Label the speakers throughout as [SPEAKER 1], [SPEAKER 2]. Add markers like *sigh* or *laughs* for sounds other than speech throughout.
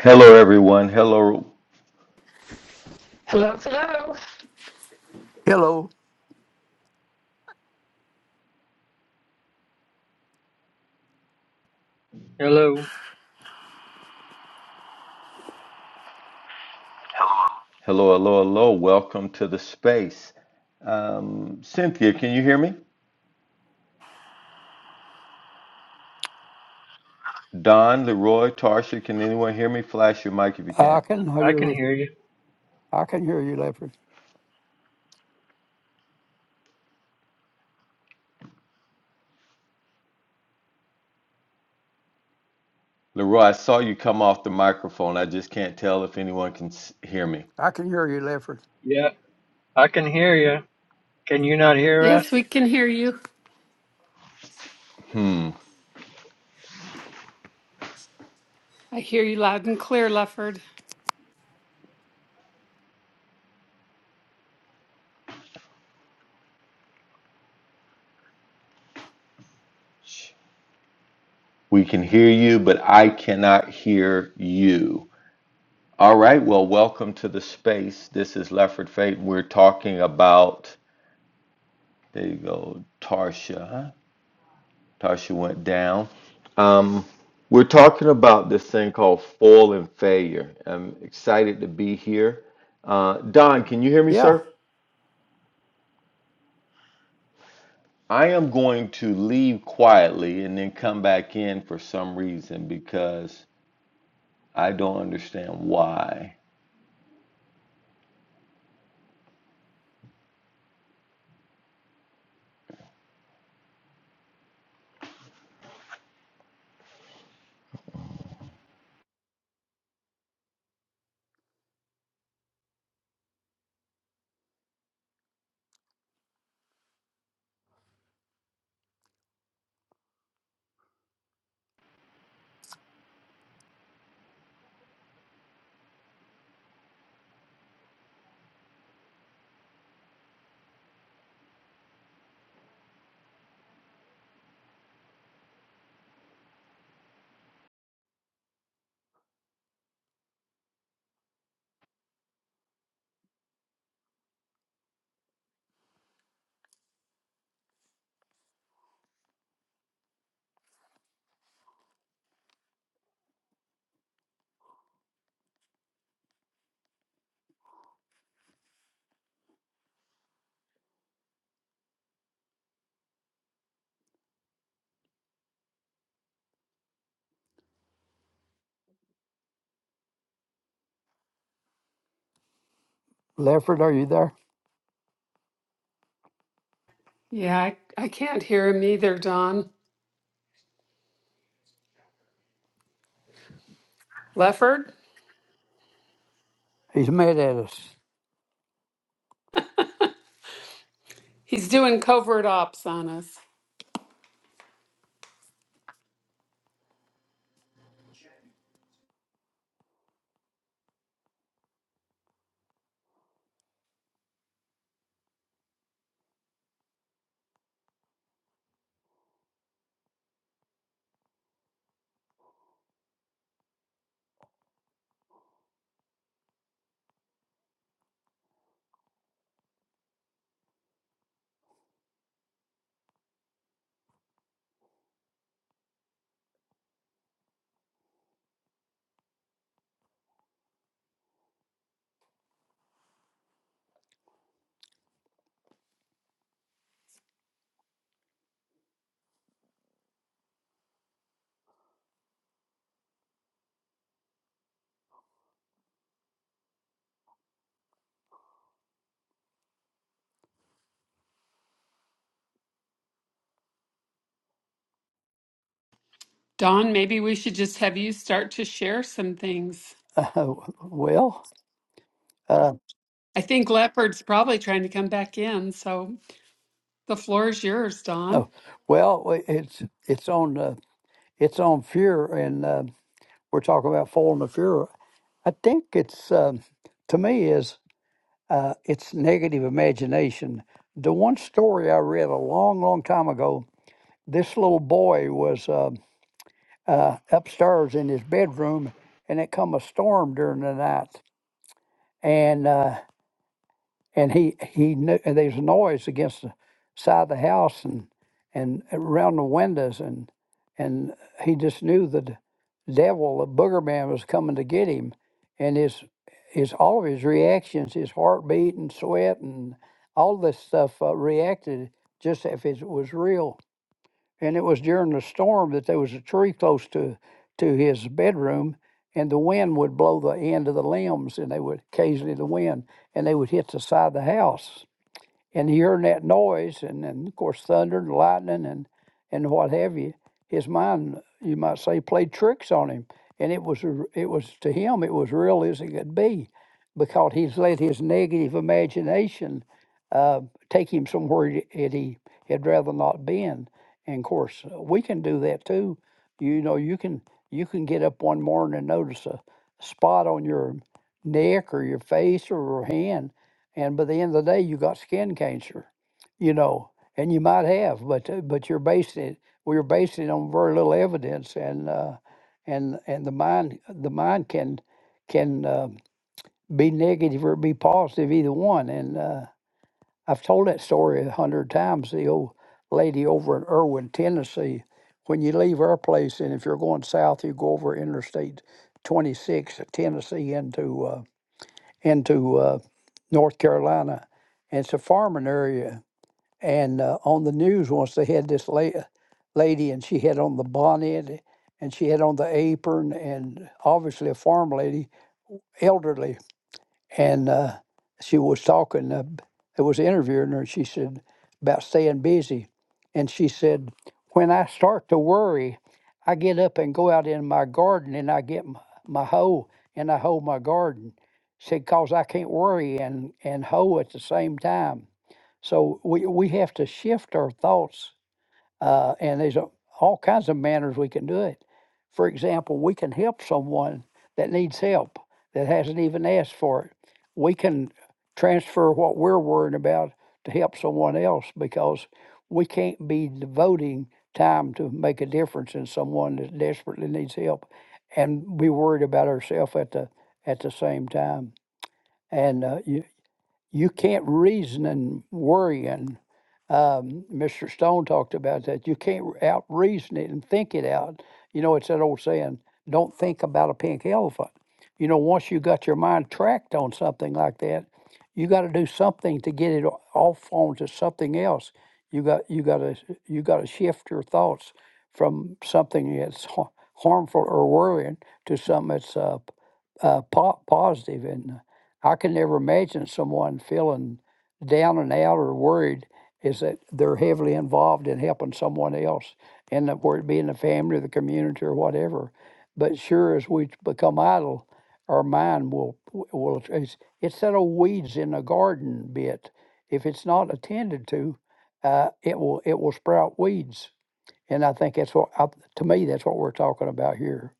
[SPEAKER 1] Hello, everyone. Hello,
[SPEAKER 2] Hello, hello.
[SPEAKER 3] Hello.
[SPEAKER 4] Hello,
[SPEAKER 1] hello, hello, hello. Welcome to the space. Um, Cynthia, can you hear me? Don, Leroy, Tarsha, can anyone hear me? Flash your mic if you
[SPEAKER 3] I
[SPEAKER 1] can.
[SPEAKER 3] can
[SPEAKER 4] I
[SPEAKER 3] hear
[SPEAKER 4] can
[SPEAKER 3] you.
[SPEAKER 4] hear you.
[SPEAKER 3] I can hear you, Lefford.
[SPEAKER 1] Leroy, I saw you come off the microphone. I just can't tell if anyone can s- hear me.
[SPEAKER 3] I can hear you, Lefford.
[SPEAKER 4] Yeah, I can hear you. Can you not hear us?
[SPEAKER 2] Yes, we can hear you.
[SPEAKER 1] Hmm.
[SPEAKER 2] I hear you loud and clear, Lefford.
[SPEAKER 1] We can hear you, but I cannot hear you. All right. Well, welcome to the space. This is Lefford Fate. We're talking about. There you go, Tarsha. huh? Tasha went down. Um, we're talking about this thing called fall and failure. I'm excited to be here. Uh, Don, can you hear me,
[SPEAKER 3] Yeah,
[SPEAKER 1] sir? I am going to leave quietly and then come back in for some reason because I don't understand why.
[SPEAKER 3] Lefford, are you there?
[SPEAKER 2] Yeah, I, I can't hear him either, Don. Lefford?
[SPEAKER 3] He's mad at us.
[SPEAKER 2] He's doing covert ops on us. Don, maybe we should just have you start to share some things.
[SPEAKER 3] *laughs* well, uh,
[SPEAKER 2] I think Lefford's probably trying to come back in, so the floor is yours, Don.
[SPEAKER 3] oh, well, it's it's on uh, it's on fear, and uh, we're talking about falling to fear. I think it's um, to me is uh, it's negative imagination. The one story I read a long, long time ago, this little boy was. Uh, uh, upstairs in his bedroom, and it come a storm during the night, and uh, and he he knew and there's noise against the side of the house and and around the windows, and and he just knew that the devil, the booger man, was coming to get him, and his his all of his reactions, his heartbeat and sweat and all this stuff uh, reacted just if it was real and it was during the storm that there was a tree close to to his bedroom and the wind would blow the end of the limbs and they would occasionally the wind and they would hit the side of the house and hearing that noise and, and of course thunder and lightning and and what have you his mind you might say played tricks on him and it was it was to him it was real as it could be because he's let his negative imagination uh, take him somewhere that he had rather not been and of course we can do that too you know you can you can get up one morning and notice a spot on your neck or your face or your hand and by the end of the day you got skin cancer you know and you might have but uh, but you're basing it we are basing it on very little evidence and uh, and and the mind the mind can can uh, be negative or be positive either one and uh, I've told that story a hundred times the old lady over in Irwin Tennessee when you leave our place and if you're going south you go over interstate 26 at Tennessee into uh, into uh, North Carolina. And it's a farming area. And uh, on the news once they had this la- lady, and she had on the bonnet, and she had on the apron, and obviously a farm lady, elderly and uh, she was talking. Uh, I was interviewing her, and she said about staying busy, and she said, "When I start to worry, I get up and go out in my garden, and I get my, my hoe and I hoe my garden." Said, "Cause I can't worry and and hoe at the same time." So we we have to shift our thoughts uh, and there's a, all kinds of manners we can do it. For example, we can help someone that needs help that hasn't even asked for it. We can transfer what we're worrying about to help someone else because we can't be devoting time to make a difference in someone that desperately needs help and be worried about ourselves at the at the same time. And uh, you, you can't reason and worrying. Um, Mr. Stone talked about that. You can't out reason it and think it out. You know, it's that old saying, don't think about a pink elephant. You know, once you got your mind tracked on something like that, you got to do something to get it o- off onto something else. You got you got to you got to shift your thoughts from something that's har- harmful or worrying to something that's uh, p- uh, po- positive and I can never imagine someone feeling down and out or worried is that they're heavily involved in helping someone else, and whether it be in the family, or the community, or whatever. But sure as we become idle, our mind will will it's, it's that old weeds in the garden bit. If it's not attended to, uh, it will it will sprout weeds, and I think that's what I, to me that's what we're talking about here.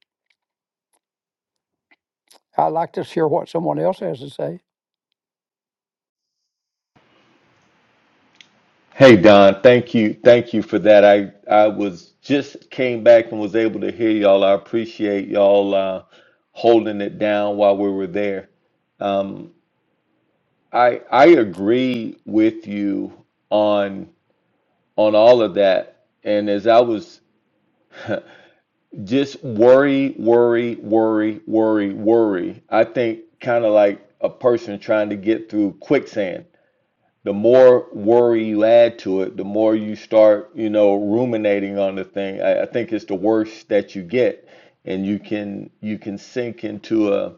[SPEAKER 3] I like to hear what someone else has to say.
[SPEAKER 1] Hey Don, thank you, thank you for that. I I was just came back and was able to hear y'all. I appreciate y'all uh, holding it down while we were there. Um, I I agree with you on on all of that. And as I was just worry, worry, worry, worry, worry. I think kind of like a person trying to get through quicksand. The more worry you add to it, the more you start, you know, ruminating on the thing. I, I think it's the worst that you get, and you can you can sink into a.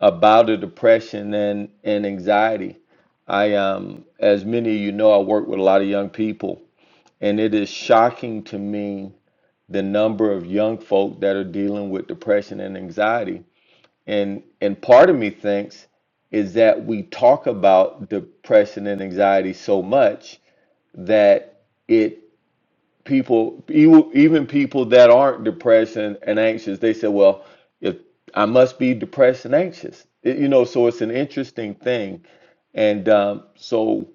[SPEAKER 1] about the depression and, and anxiety. I, um, as many of you know, I work with a lot of young people, and it is shocking to me the number of young folk that are dealing with depression and anxiety. And and part of me thinks is that we talk about depression and anxiety so much that it people even even people that aren't depressed and, and anxious they say well if i must be depressed and anxious It- you know so it's an interesting thing and um, so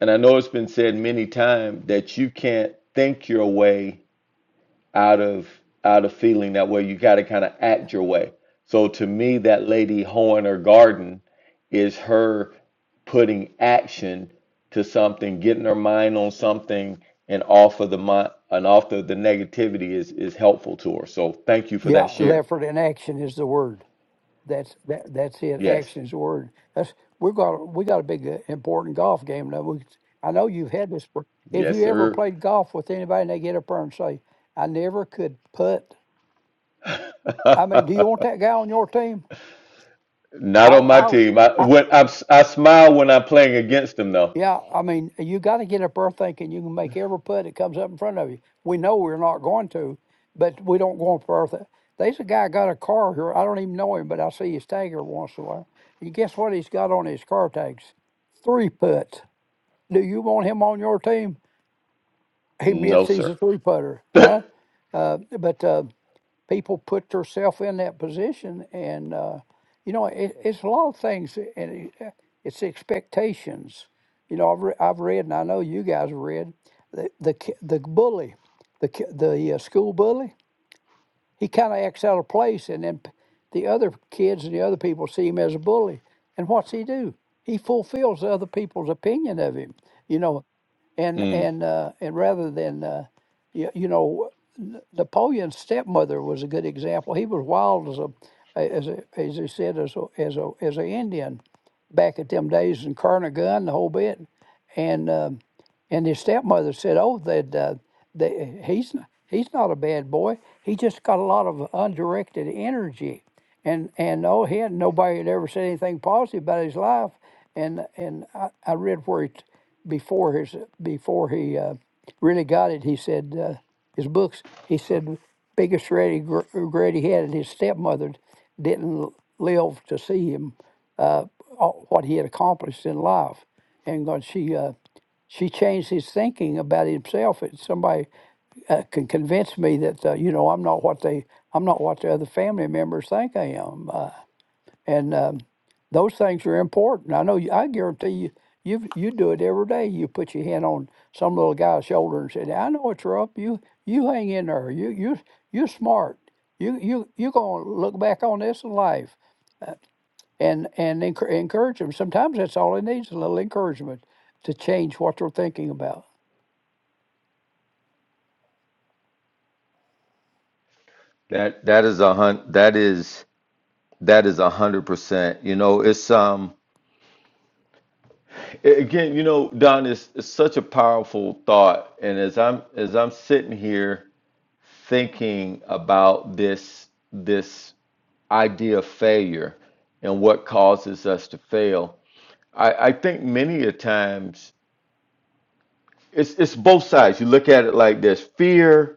[SPEAKER 1] and i know it's been said many times that you can't think your way out of out of feeling that way. You got to kind of act your way. So to me, that lady Hoeing her garden is her putting action to something, getting her mind on something, and off of the mind and off of the negativity is is helpful to her. So thank you for
[SPEAKER 3] Yeah,
[SPEAKER 1] that share.
[SPEAKER 3] Lefford in action is the word. That's that. That's it.
[SPEAKER 1] Yes,
[SPEAKER 3] Action is the word. That's we got. We got a big uh, important golf game now. We, I know you've had this. but If
[SPEAKER 1] yes,
[SPEAKER 3] you ever
[SPEAKER 1] sir. *laughs*
[SPEAKER 3] played golf with anybody, and they get up there and say, "I never could putt." I mean, do you want that guy on your team? I
[SPEAKER 1] Not on my
[SPEAKER 3] I,
[SPEAKER 1] team. I
[SPEAKER 3] I,
[SPEAKER 1] when I, I smile when I'm playing against them though.
[SPEAKER 3] Yeah, I mean, you got to get up there thinking you can make every putt that comes up in front of you. We know we're not going to, but we don't go up there. Th- There's a guy got a car here. I don't even know him, but I see his tag every once in a while. And guess what he's got on his car tags? Three putts. Do you want him on your team? He
[SPEAKER 1] No,
[SPEAKER 3] admits he's
[SPEAKER 1] sir.
[SPEAKER 3] a three putter, huh? Uh, but uh, people put themselves in that position, and uh, you know, it, it's a lot of things, and it, uh, it's expectations. You know, I've re- I've read, and I know you guys have read the the ki- the bully, the ki- the uh, school bully. He kind of acts out of place, and then p- the other kids and the other people see him as a bully. And what's he do? He fulfills other people's opinion of him. You know, and
[SPEAKER 1] Mm.
[SPEAKER 3] and uh, and rather than uh, you, you know Napoleon's stepmother was a good example. He was wild as a as a, as he said as a, as a as a Indian back at them days and carrying a gun the whole bit, and um, and his stepmother said, "Oh, that uh, they, he's n- he's not a bad boy. He just got a lot of undirected energy." And and oh, he had nobody had ever said anything positive about his life. And and I, I read where he before his before he uh, really got it, he said uh, his books. He said biggest regret he had, and his stepmother didn't live to see him uh, all- what he had accomplished in life, and God, she uh, she changed his thinking about himself. And somebody uh, can convince me that uh, you know I'm not what they I'm not what the other family members think I am. Uh, and um, those things are important. I know. You, I guarantee you, you you do it every day. You put your hand on some little guy's shoulder and said, "I know what's up. You you hang in there. You you you're smart. You you you gonna look back on this in life." Uh, And and encour- encourage them. Sometimes that's all it needs—a little encouragement to change what they're thinking about.
[SPEAKER 1] That that is a hunt. That is. That is a hundred percent. You know, it's um a- again, you know, Don, it's, it's such a powerful thought. And as I'm as I'm sitting here thinking about this this idea of failure and what causes us to fail, I, I think many a times it's it's both sides. You look at it like this: fear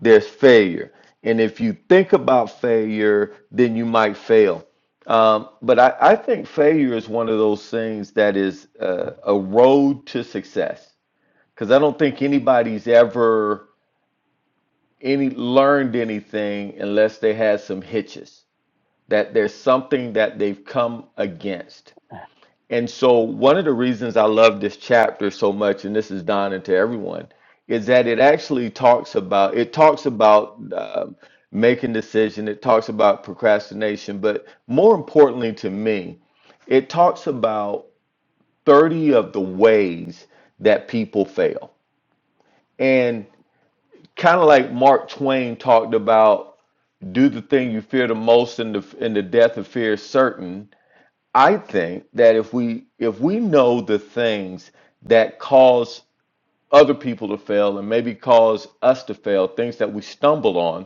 [SPEAKER 1] there's failure. And if you think about failure, then you might fail. Um, but I, I think failure is one of those things that is uh, a road to success because I don't think anybody's ever any learned anything unless they had some hitches, that there's something that they've come against. And so, one of the reasons I love this chapter so much, and this is dawning to everyone, is that it actually talks about it talks about um, making decision. It talks about procrastination, but more importantly to me, it talks about thirty of the ways that people fail, and kind of like Mark Twain talked about, do the thing you fear the most, and the and the death of fear is certain I think that if we if we know the things that cause other people to fail and maybe cause us to fail, things that we stumble on,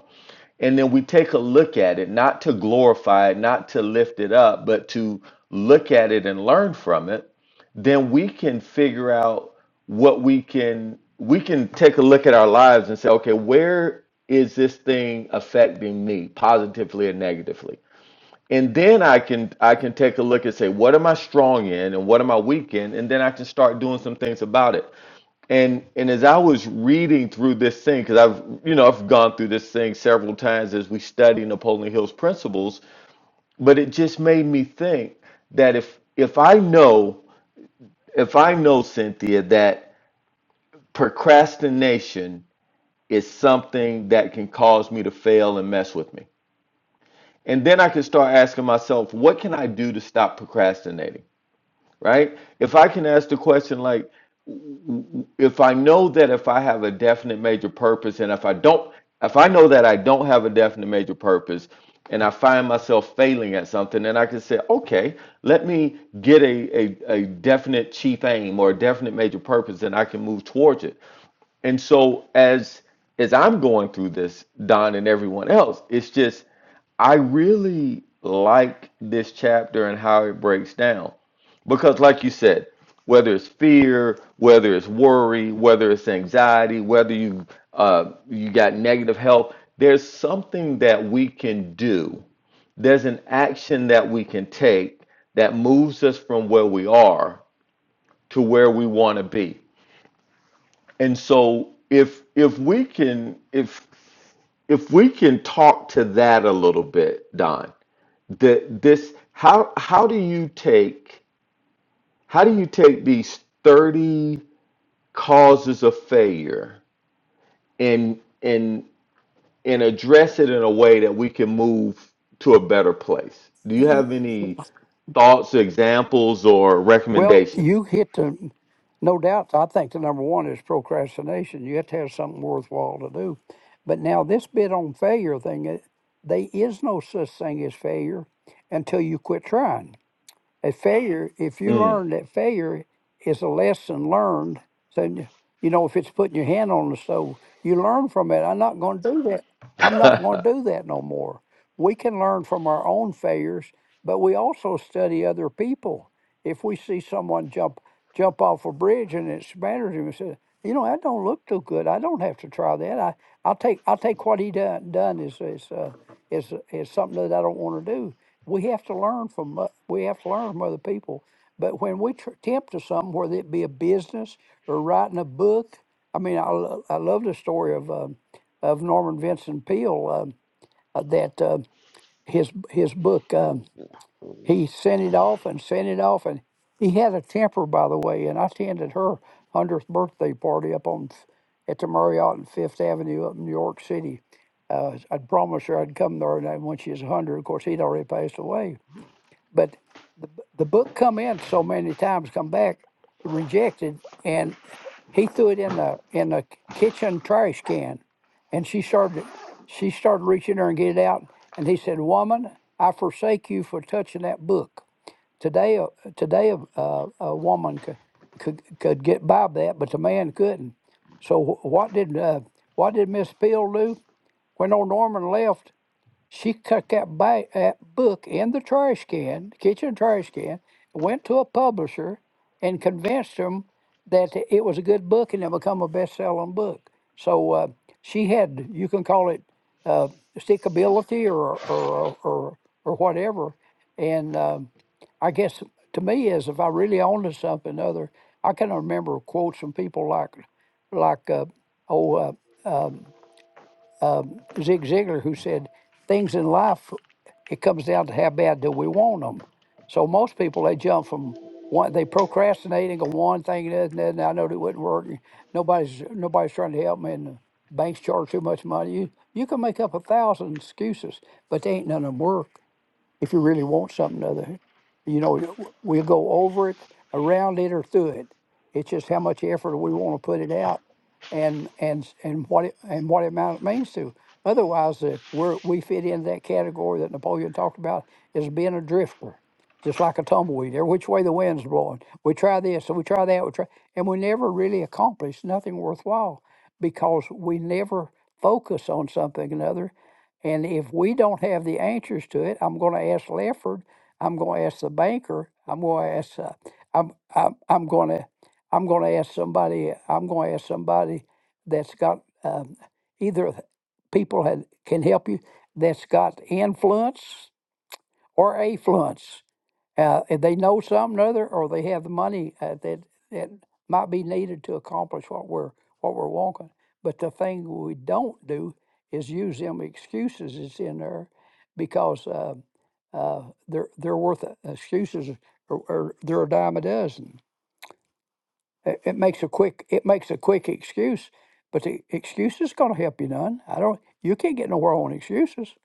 [SPEAKER 1] and then we take a look at it, not to glorify it, not to lift it up, but to look at it and learn from it, then we can figure out what we can we can take a look at our lives and say, okay, where is this thing affecting me positively or negatively? And then I can I can take a look and say, what am I strong in and what am I weak in? And then I can start doing some things about it. And and as I was reading through this thing, because I've you know, I've gone through this thing several times as we study Napoleon Hill's principles, but it just made me think that if if I know if I know Cynthia that procrastination is something that can cause me to fail and mess with me. And then I can start asking myself, what can I do to stop procrastinating? right? If I can ask the question like, if I know that if I have a definite major purpose and if I don't, if I know that I don't have a definite major purpose and I find myself failing at something, then I can say, okay, let me get a, a, a definite chief aim or a definite major purpose and I can move towards it. And so as as I'm going through this, Don and everyone else, it's just I really like this chapter and how it breaks down. Because like you said, whether it's fear, whether it's worry, whether it's anxiety, whether you uh, you got negative health, there's something that we can do. There's an action that we can take that moves us from where we are to where we want to be. And so if if we can if if we can talk to that a little bit, Don, that this how how do you take how do you take these 30 causes of failure and and and address it in a way that we can move to a better place? Do you have any thoughts, examples, or
[SPEAKER 3] Well,
[SPEAKER 1] recommendations?
[SPEAKER 3] you hit the, no doubt, I think the number one is procrastination. You have to have something worthwhile to do. But now, this bit on failure thing, it, there is no such thing as failure until you quit trying. A failure, if you
[SPEAKER 1] Mm.
[SPEAKER 3] learn that failure is a lesson learned, so you you know, if it's putting your hand on the stove, you learn from it. I'm not going to do that. I'm not going to do that no more. We can learn from our own failures, but we also study other people. If we see someone jump jump off a bridge and it smatters him and says, you know, that don't look too good. I don't have to try that. I, I'll take I'll take what he done done is is uh, is is something that I don't want to do we have to learn from o- we have to learn from other people. But when we tr- attempt to something, whether it be a business or writing a book, I mean, I, lo- I love the story of um of Norman Vincent Peale um, uh, that uh, his his book um, he sent it off and sent it off, and he had a temper, by the way. And I attended her hundredth birthday party up on F- at the Marriott and Fifth Avenue up in New York City. Uh, I'd promised her I'd come there, and then when she was hundred, of course, he'd already passed away but the, the book come in so many times, come back rejected, and he threw it in the in the kitchen trash can, and she started she started reaching there and get it out, and he said, "Woman, I forsake you for touching that book." Today, a- today, a, a, a woman could, could could get by with that, but the man couldn't. So wh- what did uh, what did Miss Peel do? When old Norman left, she cut that, ba- that book in the trash can, kitchen trash can, went to a publisher and convinced them that it was a good book and it become a best-selling book. So uh, she had, you can call it uh, stickability or or or, or whatever. And um, I guess to me is if I really owned to something other, I can remember quotes from people like like uh, oh. Uh, um, um, Zig Ziglar who said things in life it comes down to how bad do we want them. So most people they jump from one they procrastinate and go one thing and another, and I know it wouldn't work. and Nobody's nobody's trying to help me, and the banks charge too much money. You you can make up a thousand excuses, but they ain't none of them work if you really want something other. You know, you- we'll go over it, around it, or through it. It's just how much effort we want to put it out, and and s- and what it, and what amount it means to. Otherwise, if we're, we fit into that category that Napoleon talked about as being a drifter, just like a tumbleweed, every which way the wind's blowing. We try this, and we try that, we try, and we never really accomplish nothing worthwhile because we never focus on something another and if we don't have the answers to it, I'm going to ask Lefford. I'm going to ask the banker. I'm going to ask. Uh, I'm, I'm I'm going to I'm going to ask somebody. I'm going to ask somebody that's got um, either people that can help you that's got influence or affluence. Uh, and they know something or other, or they have the money uh, that that might be needed to accomplish what we're what we're wanting. But the thing we don't do is use them excuses that's in there, because uh, uh, they're they're worth it. excuses, or, or they're a dime a dozen. It, it makes a quick it makes a quick excuse, but the excuse is going to help you none. I don't. You can't get nowhere on excuses.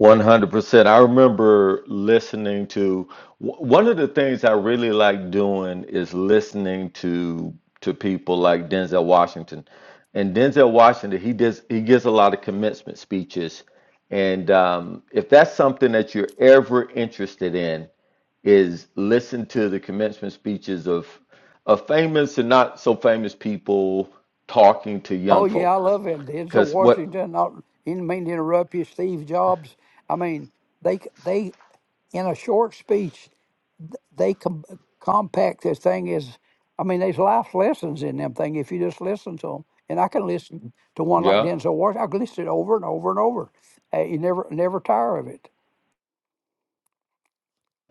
[SPEAKER 1] 100%. I remember listening to w- one of the things I really like doing is listening to to people like Denzel Washington. And Denzel Washington, he does he gives a lot of commencement speeches. And um, if that's something that you're ever interested in, is listen to the commencement speeches of of famous and not so famous people talking to
[SPEAKER 3] Oh
[SPEAKER 1] young
[SPEAKER 3] yeah, I
[SPEAKER 1] folk.
[SPEAKER 3] love him. Denzel
[SPEAKER 1] Because what?
[SPEAKER 3] Washington. Not didn't mean to interrupt you, Steve Jobs. I mean, they c- they in a short speech, th- they com- compact this thing is. I mean, there's life lessons in them thing if you just listen to them. And I can listen to one like
[SPEAKER 1] Yeah.
[SPEAKER 3] Denzel Washington. I can listen to it over and over and over. Uh, you never never tire of it.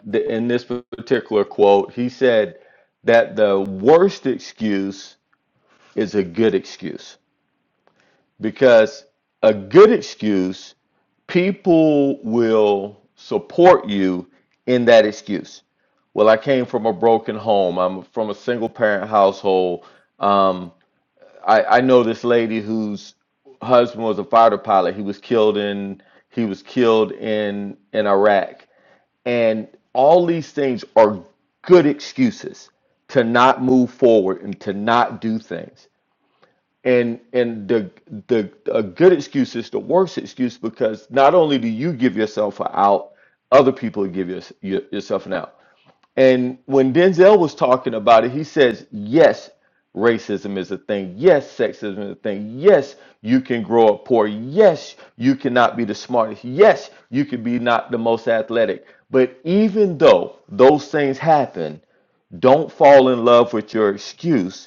[SPEAKER 1] the, in this particular quote, he said that the worst excuse is a good excuse because a good excuse, people will support you in that excuse. Well, I came from a broken home. I'm from a single parent household. Um, I, I know this lady whose husband was a fighter pilot. He was killed in he was killed in in Iraq and all these things are good excuses to not move forward and to not do things. And and the the a good excuse is the worst excuse because not only do you give yourself an out, other people give your, your, yourself an out. And when Denzel was talking about it, he says, yes, racism is a thing. Yes, sexism is a thing. Yes, you can grow up poor. Yes, you cannot be the smartest. Yes, you can be not the most athletic. But even though those things happen, don't fall in love with your excuse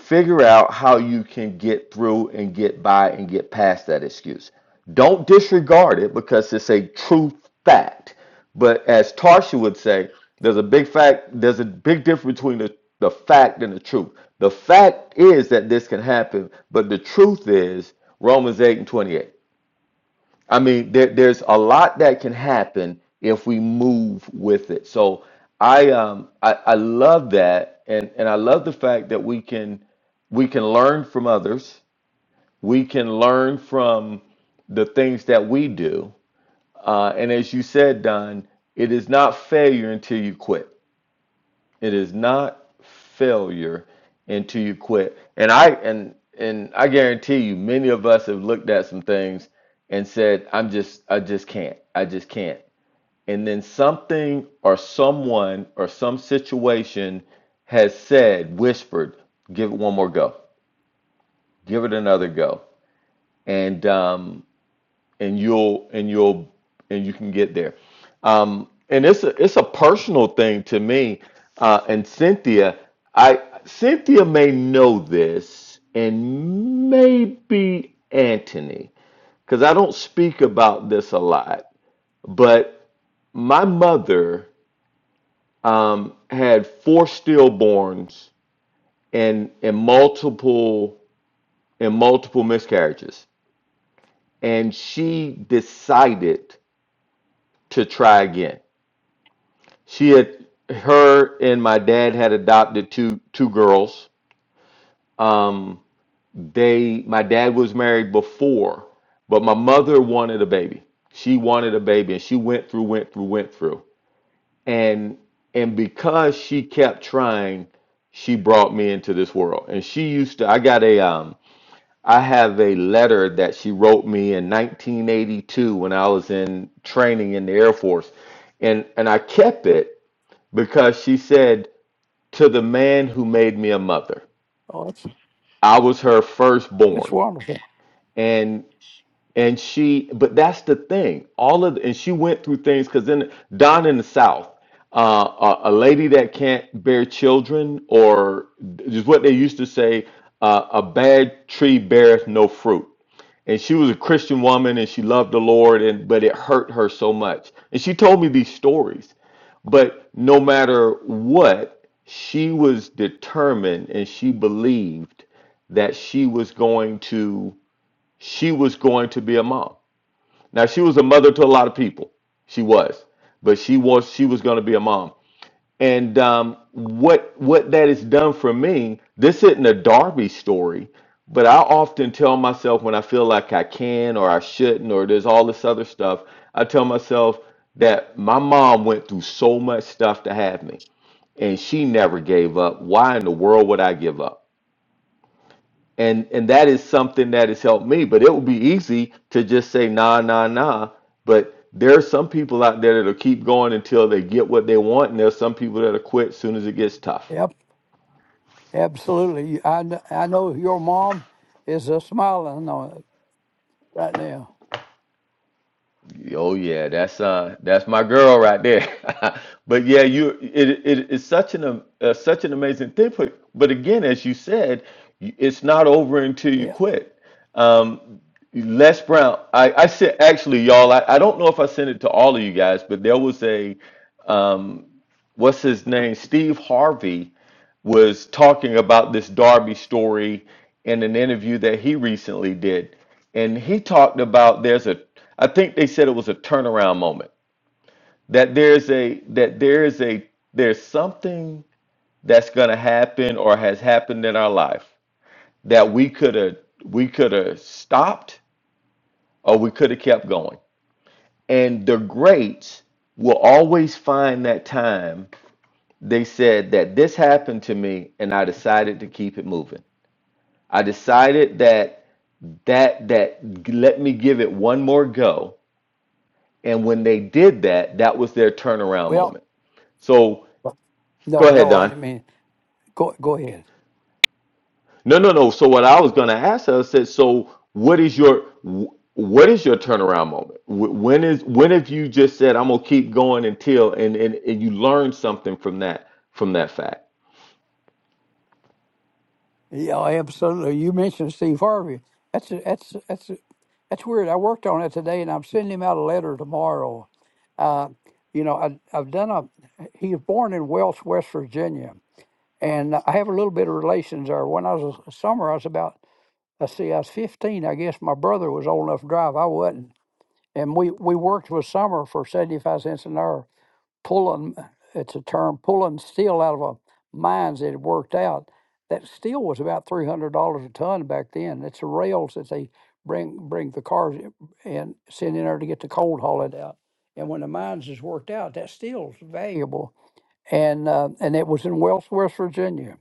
[SPEAKER 1] Figure out how you can get through and get by and get past that excuse. Don't disregard it because it's a true fact. But as Tarsha would say, there's a big fact, there's a big difference between the, the fact and the truth. The fact is that this can happen, but the truth is Romans 8 and 28. I mean, there, there's a lot that can happen if we move with it. So I um I, I love that and, and I love the fact that we can we can learn from others. We can learn from the things that we do. Uh, and as you said, Don, it is not failure until you quit. It is not failure until you quit. And I and and I guarantee you, many of us have looked at some things and said, "I'm just, I just can't, I just can't." And then something or someone or some situation has said, whispered, "Give it one more go, give it another go." And um, and you'll and you'll and you can get there. Um, and it's a it's a personal thing to me. Uh, and Cynthia, I Cynthia may know this, and maybe Anthony, because I don't speak about this a lot. But my mother um, had four stillborns and and multiple and multiple miscarriages, and she decided to try again she had her and my dad had adopted two two girls um they my dad was married before but my mother wanted a baby she wanted a baby and she went through went through went through and and because she kept trying she brought me into this world and she used to i got a um i have a letter that she wrote me in 1982 when i was in training in the air force and and i kept it because she said to the man who made me a mother.
[SPEAKER 3] Oh, that's
[SPEAKER 1] I was her
[SPEAKER 3] that's
[SPEAKER 1] firstborn.
[SPEAKER 3] wonderful.
[SPEAKER 1] And and she but that's the thing. All of and she went through things because then down in the South, uh, a, a lady that can't bear children or is what they used to say, uh, a bad tree beareth no fruit. And she was a Christian woman and she loved the Lord and but it hurt her so much. And she told me these stories. But no matter what, she was determined and she believed that she was going to she was going to be a mom. Now she was a mother to a lot of people. She was, but she was she was going to be a mom. And um, what what that has done for me, this isn't a Darby story, but I often tell myself when I feel like I can or I shouldn't or there's all this other stuff, I tell myself that my mom went through so much stuff to have me and she never gave up. Why in the world would I give up? And and that is something that has helped me. But it would be easy to just say nah, nah, nah. But there are some people out there that'll keep going until they get what they want, and there's some people that'll quit as soon as it gets tough.
[SPEAKER 3] Yep, absolutely. You- I kn- I know your mom is uh, smiling on it right now.
[SPEAKER 1] Oh yeah, that's uh that's my girl right there. *laughs* But yeah, you it it is such an am- uh, such an amazing thing for but again, as you said, you- it's not over until you
[SPEAKER 3] Yeah.
[SPEAKER 1] quit. Um Les Brown, I I said actually y'all, I, I don't know if I sent it to all of you guys, but there was a um what's his name? Steve Harvey was talking about this Darby story in an interview that he recently did. And he talked about there's a I think they said it was a turnaround moment. That there's a that there is a there's something that's gonna happen or has happened in our life that we could have we could have stopped or we could have kept going. And the greats will always find that time they said that this happened to me and I decided to keep it moving I decided that that that let me give it one more go. And when they did that, that was their turnaround
[SPEAKER 3] Well.
[SPEAKER 1] moment. So
[SPEAKER 3] No,
[SPEAKER 1] go ahead,
[SPEAKER 3] no, I
[SPEAKER 1] Don.
[SPEAKER 3] didn't mean. Go, go ahead.
[SPEAKER 1] No, no, no. So what I was going to ask her I said, so what is your what is your turnaround moment? Wh- When is when have you just said I'm gonna keep going until and and, and you learn something from that from that fact?
[SPEAKER 3] Yeah, absolutely. You mentioned Steve Harvey. That's a, that's a- that's a, that's weird. I worked on it today, and I'm sending him out a letter tomorrow. Uh, you know, I, I've done a. He was born in Welch, West Virginia, and I have a little bit of relations there. When I was a summer, I was about. Let's see, I was 15. I guess my brother was old enough to drive. I wasn't, and we we worked with Summer for 75 cents an hour pulling it's a term pulling steel out of a mines that had worked out that steel was about three hundred dollars a ton back then it's the rails that they bring bring the cars and send in there to get the cold hauled out and when the mines is worked out that steel's valuable and uh, and it was in Wells West Virginia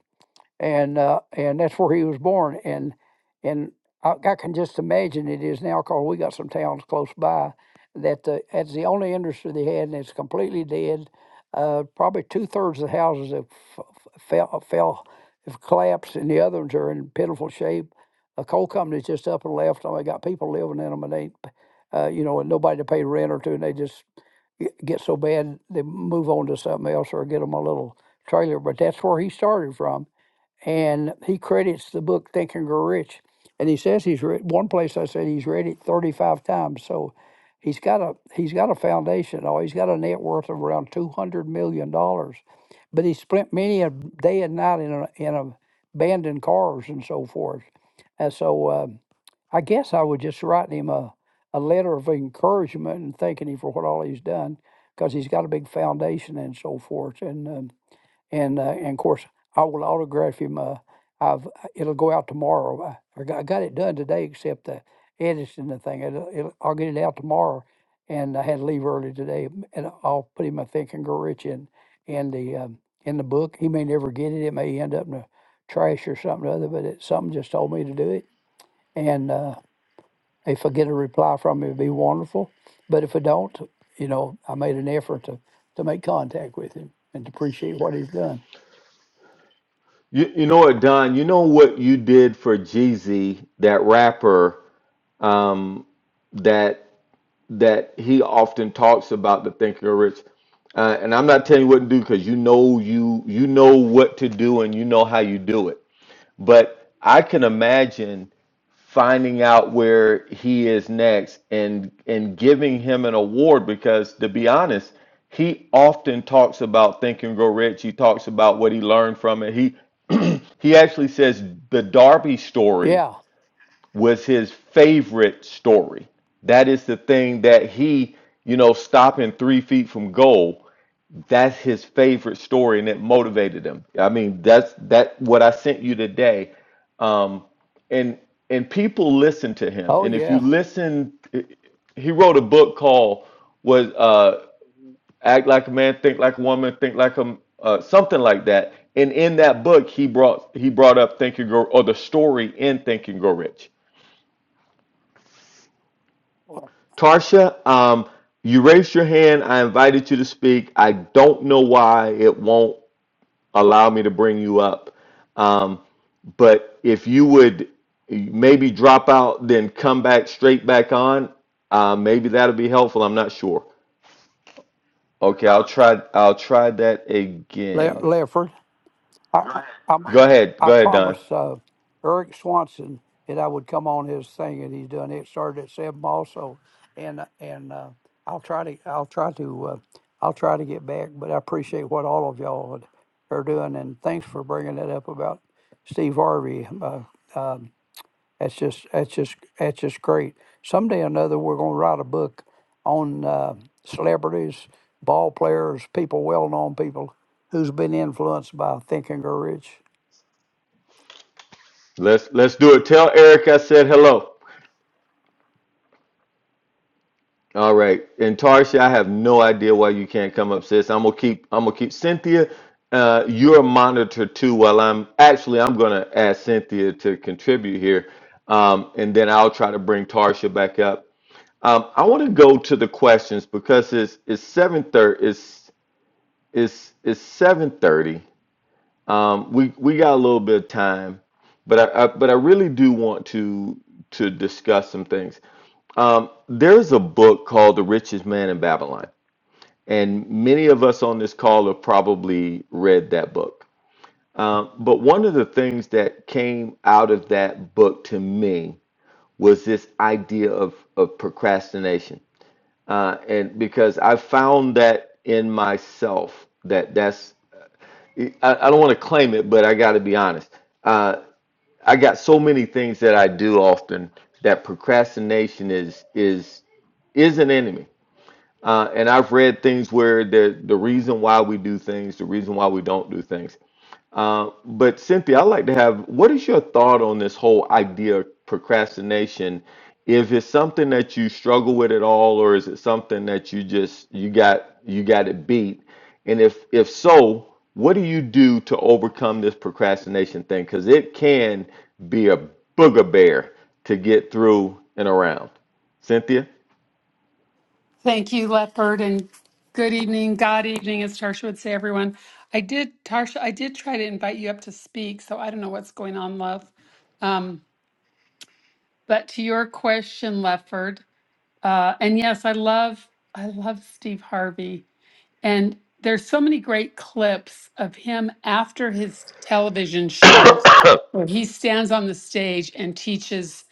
[SPEAKER 3] and uh, and that's where he was born. And and I, I can just imagine it is now because we got some towns close by that the, that's the only industry they had, and it's completely dead. Uh, probably two thirds of the houses have f- f- fell fell have collapsed, and the other ones are in pitiful shape. The coal company's just up and left. and they got people living in them, and they, uh, you know, and nobody to pay rent or two, and they just g- get so bad they move on to something else or get them a little trailer. But that's where he started from and he credits the book Think and Grow Rich. And he says he's read one place I said he's read it 35 times. So he's got a he's got a foundation. Oh, he's got a net worth of around 200 million dollars. But he spent many a day and night in a, in a abandoned cars and so forth. And so uh, I guess I was just writing him a, a letter of encouragement and thanking him for what all he's done because he's got a big foundation and so forth. And um, and uh, and of course I will autograph him. Uh, I've it'll go out tomorrow. I, I got I got it done today, except the editing the thing. It'll, it'll, I'll get it out tomorrow, and I had to leave early today. And I'll put him, I think, and go rich in in the um, in the book. He may never get it. It may end up in the trash or something or other. But it, something just told me to do it. And uh, if I get a reply from him, it'd be wonderful. But if I don't, you know, I made an effort to to make contact with him and to appreciate what he's done.
[SPEAKER 1] You, you know what, Don? You know what you did for Jeezy, that rapper um, that that he often talks about the Thinker rich. Uh, and I'm not telling you what to do because you know you you know what to do and you know how you do it. But I can imagine finding out where he is next and and giving him an award because to be honest, he often talks about Think and Grow Rich. He talks about what he learned from it. He he actually says the Darby story
[SPEAKER 3] Yeah.
[SPEAKER 1] was his favorite story. That is the thing that he, you know, stopping three feet from goal. That's his favorite story, and it motivated him. I mean, that's that what I sent you today, um, and and people listen to him.
[SPEAKER 3] Oh,
[SPEAKER 1] And if you
[SPEAKER 3] yeah.
[SPEAKER 1] listen, he wrote a book called "Was uh, Act Like a Man, Think Like a Woman, Think Like a uh, something like that." And in that book, he brought he brought up Think and Grow or the story in Think and Grow Rich
[SPEAKER 3] Le-
[SPEAKER 1] Tarsha, um, you raised your hand. I invited you to speak. I don't know why it won't allow me to bring you up. Um, but if you would maybe drop out, then come back straight back on, uh, maybe that'll be helpful. I'm not sure. Okay, I'll try. I'll try that again.
[SPEAKER 3] Lefford, I, I'm,
[SPEAKER 1] Go ahead.
[SPEAKER 3] I
[SPEAKER 1] Go ahead, Don.
[SPEAKER 3] promised uh, Eric Swanson that I would come on his thing, and he's done it. Started at seven also, and and uh, I'll try to I'll try to uh, I'll try to get back. But I appreciate what all of y'all are doing, and thanks for bringing that up about Steve Harvey. Uh, um, That's just that's just that's just great. Someday or another, we're going to write a book on uh, celebrities, ball players, people, well-known people who's been influenced by Think and Grow Rich.
[SPEAKER 1] Let's let's do it. Tell Eric I said hello. All right. And Tarsha, I have no idea why you can't come up, sis. I'm gonna keep I'm gonna keep Cynthia, uh, you're a monitor too while I'm actually I'm gonna ask Cynthia to contribute here. Um, and then I'll try to bring Tarsha back up. Um, I want to go to the questions because it's it's seven thirty it's it's it's seven thirty. Um, we we got a little bit of time, but I, I but I really do want to to discuss some things. Um, there's a book called The Richest Man in Babylon. And many of us on this call have probably read that book. But one of the things that came out of that book to me was this idea of, of procrastination. Uh, and because I found that in myself, that that's, I, I don't want to claim it, but I got to be honest. Uh, I got so many things that I do often that procrastination is, is, is an enemy Uh, and I've read things where the the reason why we do things, the reason why we don't do things. Uh, but Cynthia, I'd like to have what is your thought on this whole idea of procrastination? If it's something that you struggle with at all, or is it something that you just you got you got it beat? And if if so, what do you do to overcome this procrastination thing? Because it can be a booger bear to get through and around. Cynthia?
[SPEAKER 2] Thank you, Lefford, and good evening, God evening, as Tarsha would say, everyone. I did, Tarsha, I did try to invite you up to speak, so I don't know what's going on, love. But to your question, Lefford, uh, and yes, I love I love Steve Harvey, and there's so many great clips of him after his television show where he stands on the stage and teaches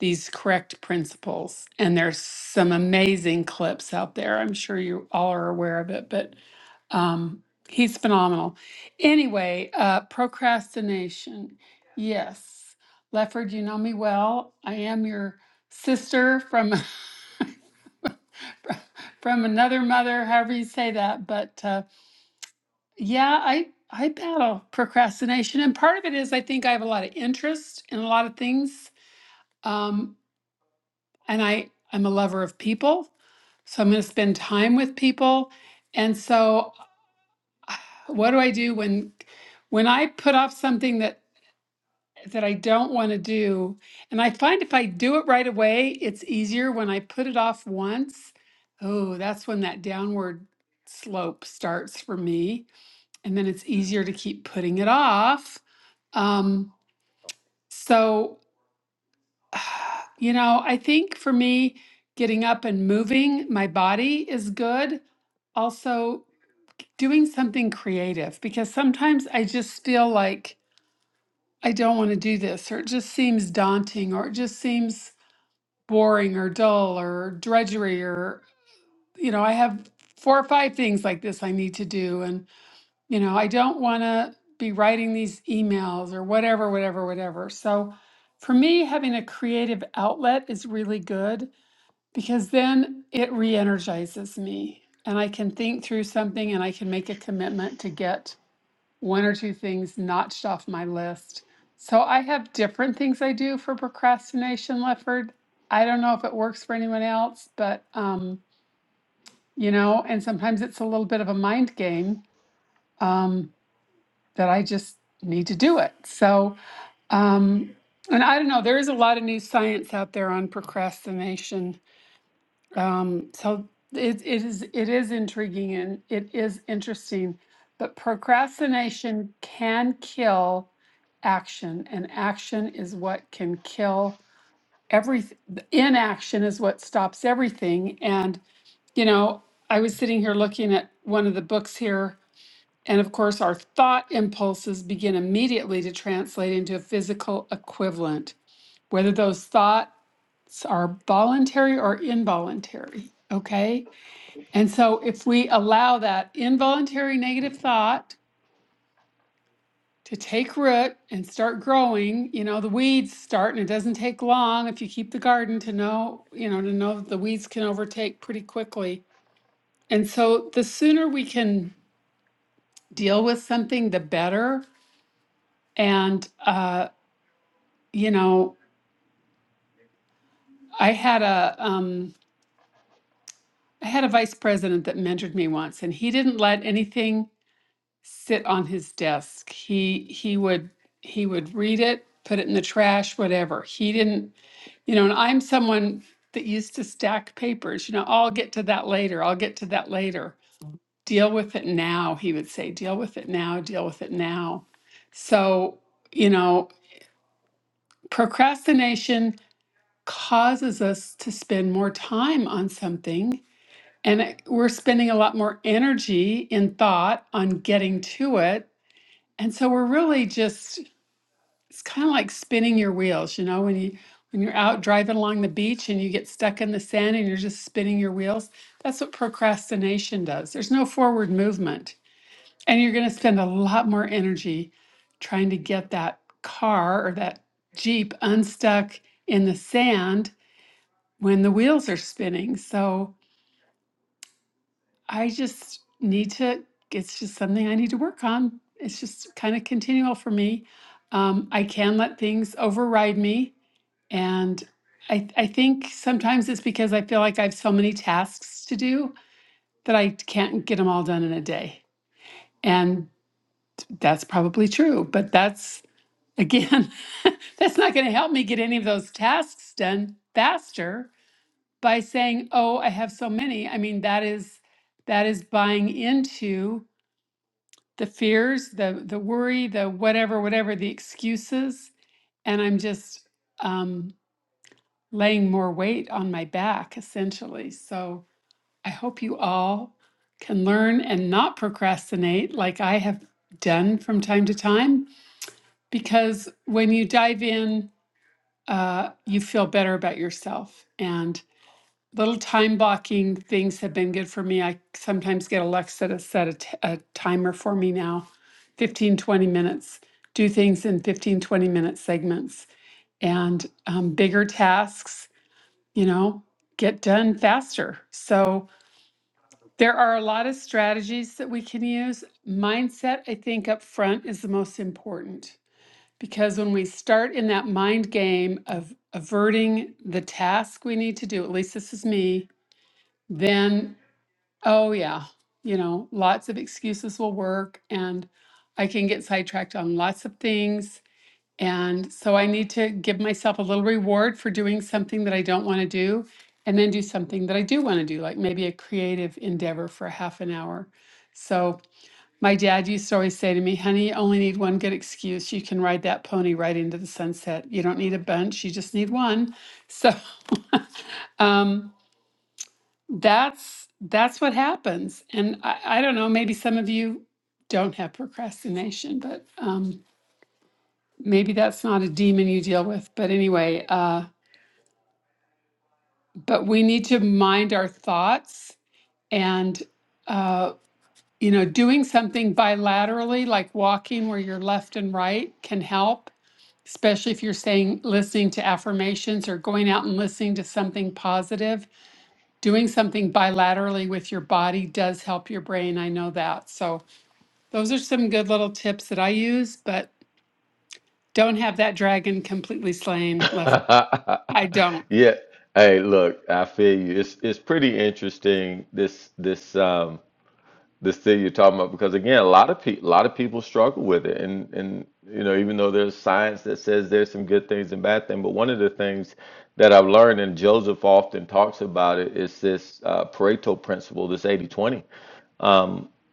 [SPEAKER 2] these correct principles. And there's some amazing clips out there. I'm sure you all are aware of it, but um, he's phenomenal. Anyway, uh, procrastination. Yes, Lefford, you know me well. I am your sister from *laughs* from another mother, however you say that. But uh, yeah, I I battle procrastination, and part of it is I think I have a lot of interest in a lot of things um, and I I'm a lover of people, so I'm going to spend time with people. And so, what do I do when when I put off something that that I don't want to do? And I find if I do it right away, it's easier. When I put it off once, oh, that's when that downward slope starts for me, and then it's easier to keep putting it off. Um, so. You know, I think for me, getting up and moving my body is good. Also, doing something creative because sometimes I just feel like I don't want to do this, or it just seems daunting, or it just seems boring, or dull, or drudgery, or, you know, I have four or five things like this I need to do. And, you know, I don't want to be writing these emails or whatever, whatever, whatever. So for me, having a creative outlet is really good because then it re-energizes me and I can think through something and I can make a commitment to get one or two things notched off my list. So I have different things I do for procrastination, Lefford. I don't know if it works for anyone else, but um, you know, and sometimes it's a little bit of a mind game um, that I just need to do it. So, um, and I don't know, there is a lot of new science out there on procrastination Um, so it, it is it is intriguing and it is interesting, but procrastination can kill action, and action is what can kill everything. Inaction is what stops everything. And you know, I was sitting here looking at one of the books here, and of course, our thought impulses begin immediately to translate into a physical equivalent, whether those thoughts are voluntary or involuntary. Okay. And so, if we allow that involuntary negative thought to take root and start growing, you know, the weeds start, and it doesn't take long if you keep the garden to know, you know, to know that the weeds can overtake pretty quickly. And so, the sooner we can deal with something, the better. And, uh, you know, I had a, um, I had a vice president that mentored me once, and he didn't let anything sit on his desk. He he would he would read it, put it in the trash, whatever. He didn't, you know, and I'm someone that used to stack papers, you know, I'll get to that later. I'll get to that later. Deal with it now, he would say, deal with it now, deal with it now. So, you know, procrastination causes us to spend more time on something and it, we're spending a lot more energy in thought on getting to it and so we're really just it's kind of like spinning your wheels, you know, when you when you're out driving along the beach and you get stuck in the sand and you're just spinning your wheels. That's what procrastination does. There's no forward movement. And you're going to spend a lot more energy trying to get that car or that Jeep unstuck in the sand when the wheels are spinning. So I just need to, it's just something I need to work on. It's just kind of continual for me. Um, I can let things override me And I, I think sometimes it's because I feel like I have so many tasks to do that I can't get them all done in a day. And that's probably true, but that's again, *laughs* that's not going to help me get any of those tasks done faster by saying, "Oh, I have so many." I mean, that is that is buying into the fears, the the worry, the whatever, whatever, the excuses, and I'm just um, laying more weight on my back, essentially. So I hope you all can learn and not procrastinate like I have done from time to time, because when you dive in, uh, you feel better about yourself. And little time blocking things have been good for me. I sometimes get Alexa to set a, t- a timer for me now 15, 20 minutes, do things in 15, 20 minute segments and um, bigger tasks you know, get done faster. So there are a lot of strategies that we can use. Mindset, I think, up front is the most important because when we start in that mind game of averting the task we need to do, at least this is me, then, oh, yeah, you know, lots of excuses will work and I can get sidetracked on lots of things and so I need to give myself a little reward for doing something that I don't want to do and then do something that I do want to do, like maybe a creative endeavor for half an hour. So my dad used to always say to me, honey, you only need one good excuse. You can ride that pony right into the sunset. You don't need a bunch, you just need one. So *laughs* um, that's that's what happens. And I, I don't know, maybe some of you don't have procrastination, but um, maybe that's not a demon you deal with. But anyway, uh, but we need to mind our thoughts and uh, you know doing something bilaterally like walking where you're left and right can help especially if you're saying listening to affirmations or going out and listening to something positive doing something bilaterally with your body does help your brain i know that so those are some good little tips that i use but don't have that dragon completely slain left i don't
[SPEAKER 1] Yeah. Hey, look, I feel you. It's it's pretty interesting this this um this thing you're talking about because again, a lot of people a lot of people struggle with it and and you know, even though there's science that says there's some good things and bad things, but one of the things that I've learned and Joseph often talks about it is this uh, Pareto principle, this 80-20.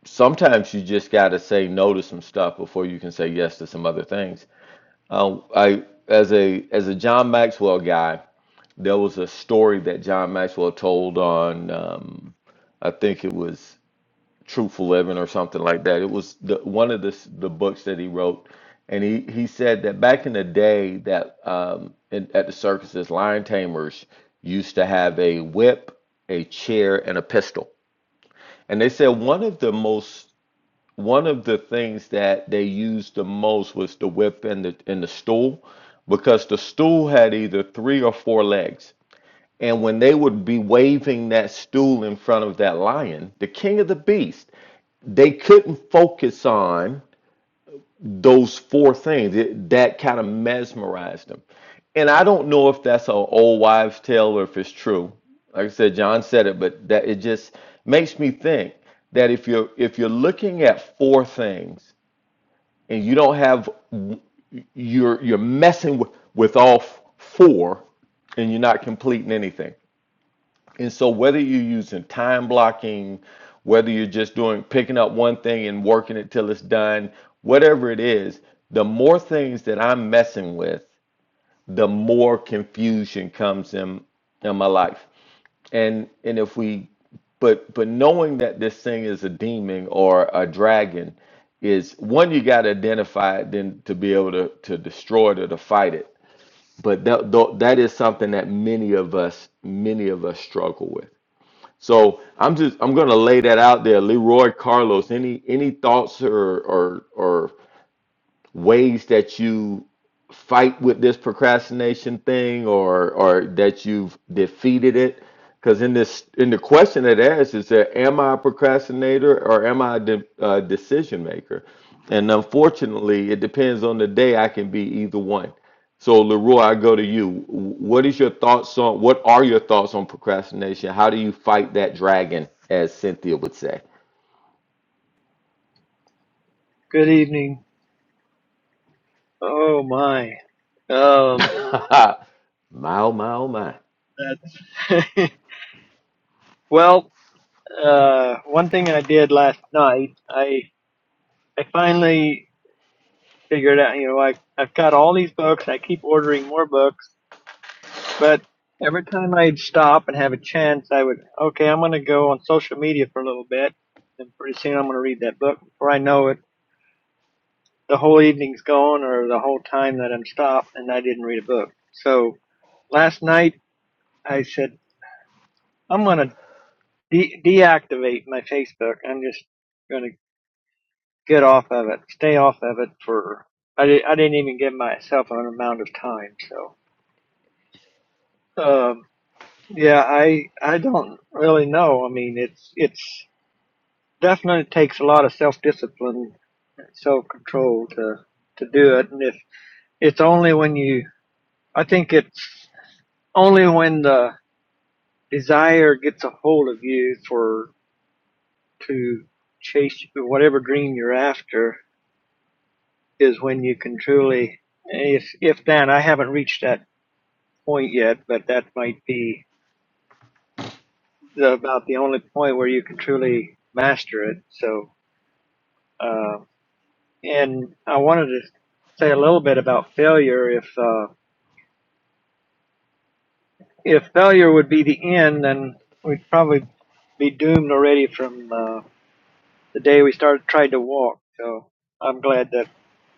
[SPEAKER 1] Sometimes you just got to say no to some stuff before you can say yes to some other things. Uh, I as a as a John Maxwell guy, there was a story that John Maxwell told on, um, I think it was Truthful Living or something like that. It was the, one of the s- the books that he wrote, and he he said that back in the day that um, in, at the circuses, lion tamers used to have a whip, a chair, and a pistol. And they said one of the most one of the things that they used the most was the whip and the and the stool, because the stool had either three or four legs and when they would be waving that stool in front of that lion, the king of the beast, they couldn't focus on those four things. It, that kind of mesmerized them. And I don't know if that's an old wives' tale or if it's true. Like I said, John said it, but that it just makes me think that if you're if you're looking at four things and you don't have you're you're messing with, with all four and you're not completing anything. And so whether you're using time blocking, whether you're just doing picking up one thing and working it till it's done, whatever it is, the more things that I'm messing with, the more confusion comes in in my life. And and if we but but knowing that this thing is a demon or a dragon is one you got to identify it then to be able to to destroy it or to fight it. But that that is something that many of us many of us struggle with. So I'm just I'm gonna lay that out there, Leroy Carlos. Any any thoughts or or or ways that you fight with this procrastination thing or or that you've defeated it because in this in the question it asks is that am i a procrastinator or am i a de- uh, decision maker and unfortunately it depends on the day i can be either one so leroy i go to you what is your thoughts on what are your thoughts on procrastination how do you fight that dragon as cynthia would say
[SPEAKER 4] Good evening. Oh my.
[SPEAKER 1] *laughs*
[SPEAKER 4] Um,
[SPEAKER 1] my oh my oh my
[SPEAKER 4] that's *laughs* well. Uh, one thing I did last night, I I finally figured out. You know, I I've got all these books. I keep ordering more books, but every time I'd stop and have a chance, I would okay. I'm going to go on social media for a little bit, and pretty soon I'm going to read that book. Before I know it. the whole evening's gone or the whole time that I'm stopped and I didn't read a book. So last night I said, I'm going to de- deactivate my Facebook. I'm just going to get off of it, stay off of it for, I, di- I didn't even give myself an amount of time. So, um, yeah, I, I don't really know. I mean, it's, it's definitely takes a lot of self-discipline, and self-control to, to do it. And if it's only when you, I think it's only when the desire gets a hold of you for to chase whatever dream you're after is when you can truly if if then I haven't reached that point yet, but that might be the, about the only point where you can truly master it. So uh, and I wanted to say a little bit about failure. If uh, if failure would be the end, then we'd probably be doomed already from uh, the day we started tried to walk. So I'm glad that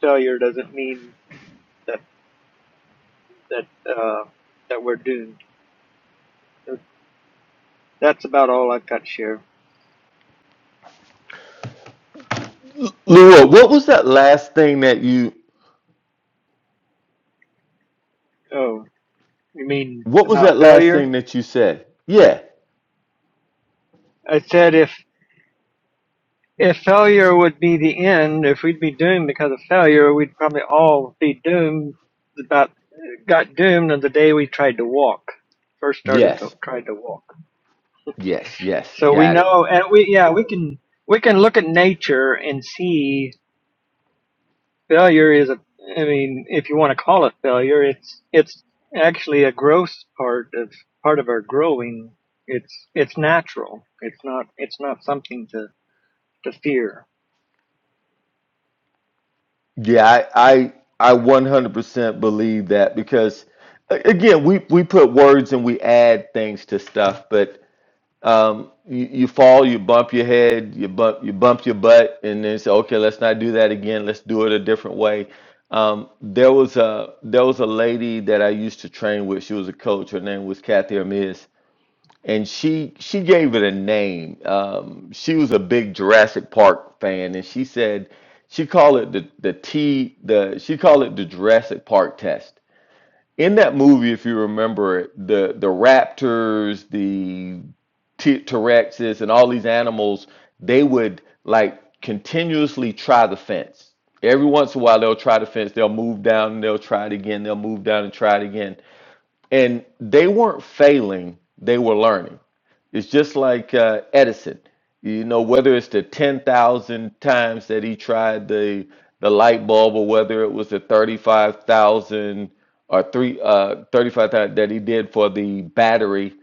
[SPEAKER 4] failure doesn't mean that that uh, that we're doomed. So that's about all I've got to share.
[SPEAKER 1] leroy what was that last thing that you
[SPEAKER 4] Oh, you mean
[SPEAKER 1] What was
[SPEAKER 4] about
[SPEAKER 1] that last thing
[SPEAKER 4] failure?
[SPEAKER 1] that you said? Yeah.
[SPEAKER 4] I said if if failure would be the end, if we'd be doomed because of failure, we'd probably all be doomed. About got doomed on the day we tried to walk. First started to
[SPEAKER 1] Yes.
[SPEAKER 4] tried to walk.
[SPEAKER 1] Yes. Yes.
[SPEAKER 4] So we
[SPEAKER 1] Got it.
[SPEAKER 4] know, and we yeah we can we can look at nature and see failure is a i mean if you want to call it failure it's it's actually a growth part of part of our growing it's it's natural it's not it's not something to to fear
[SPEAKER 1] Yeah, I I I 100% believe that because again, we we put words and we add things to stuff, but um you, you fall, you bump your head, you bump you bump your butt and then say, "Okay, let's not do that again. Let's do it a different way." Um, there was a there was a lady that I used to train with. She was a coach. Her name was Kathy Amiz and she she gave it a name. Um, she was a big Jurassic Park fan, and she said she called it the the T the she called it the Jurassic Park test. In that movie, if you remember it, the the raptors, the T- T-Rexes, and all these animals, they would like continuously try the fence. Every once in a while, they'll try the fence. They'll move down and they'll try it again. They'll move down and try it again. And they weren't failing; they were learning it's just like uh, Edison. You know, whether it's the 10,000 times that he tried the the light bulb or whether it was the 35,000 or three uh 35,000 that he did for the battery,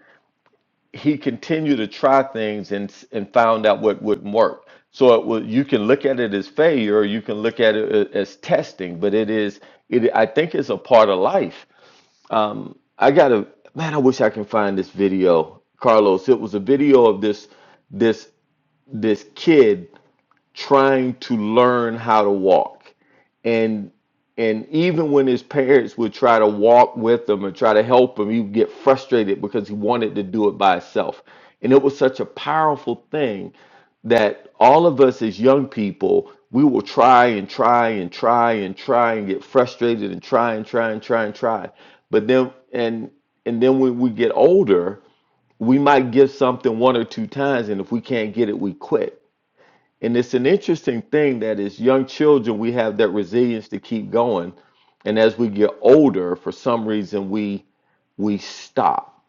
[SPEAKER 1] he continued to try things and s- and found out what wouldn't work. So it was, you can look at it as failure, or you can look at it a- as testing, but it is it I think it's a part of life um, I gotta, man, I wish I can find this video, Carlos. It was a video of this, this, this kid trying to learn how to walk and and even when his parents would try to walk with him and try to help him, he'd get frustrated because he wanted to do it by himself. And it was such a powerful thing that all of us as young people, we will try and try and try and try and get frustrated and try and try and try and try. But then and and then when we get older, we might give something one or two times, and if we can't get it, we quit and it's an interesting thing that as young children, we have that resilience to keep going. And as we get older, for some reason, we we stop.